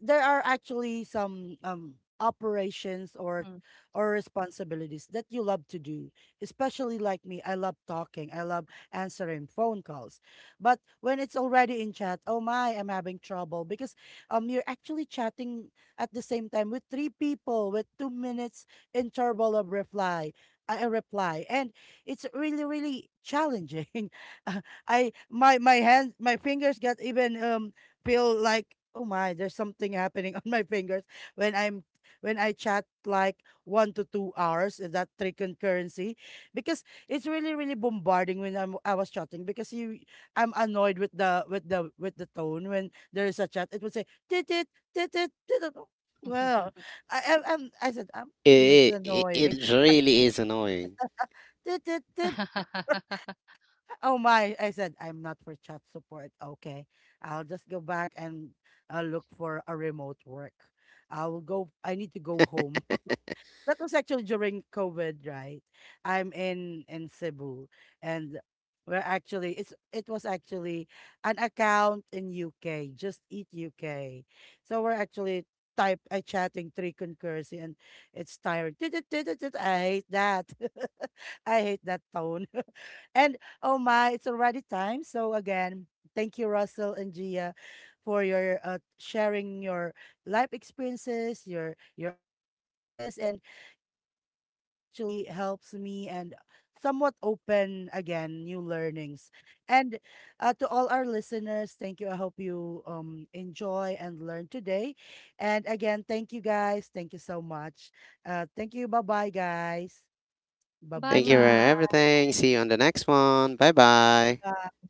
Speaker 1: there are actually some operations or responsibilities that you love to do. Especially like me, I love talking. I love answering phone calls. But when it's already in chat, oh my, I'm having trouble, because you're actually chatting at the same time with three people with 2 minutes interval of reply, a reply and it's really, really challenging. [LAUGHS] Uh, I my my hands, my fingers get even feel like, oh my, there's something happening [LAUGHS] on my fingers when I'm when I chat like 1 to 2 hours, that three concurrency, because it's really, really bombarding when I was chatting. Because you I'm annoyed with the with the tone. When there is a chat, it would say, "tit tit tit tit tit tit." Well, I'm, I said, "Mm, it's
Speaker 3: It, it,
Speaker 1: annoying."
Speaker 3: it really is annoying.
Speaker 1: [LAUGHS] tit tit
Speaker 2: [LAUGHS]
Speaker 1: tit. Oh my, I said, I'm not for chat support. Okay. I'll just go back and look for a remote work. I need to go home.
Speaker 3: [LAUGHS]
Speaker 1: That was actually during COVID, right? I'm in Cebu, and we're actually it's it was actually an account in UK, Just Eat UK. So we're actually type I chatting three concurrency, and it's tired. I hate that. [LAUGHS] I hate that tone. [LAUGHS] And oh my, it's already time. So again, thank you, Russell and Gia, for your sharing your life experiences, your ideas, and it really actually helps me and somewhat open again new learnings. And to all our listeners, thank you. I hope you enjoy and learn today. And again, thank you, guys. Thank you so much. Thank you. Bye bye guys.
Speaker 2: Bye
Speaker 3: Thank you for
Speaker 1: Baboo.
Speaker 2: bye.
Speaker 3: everything. See you on the next one. Bye bye.
Speaker 1: Bye.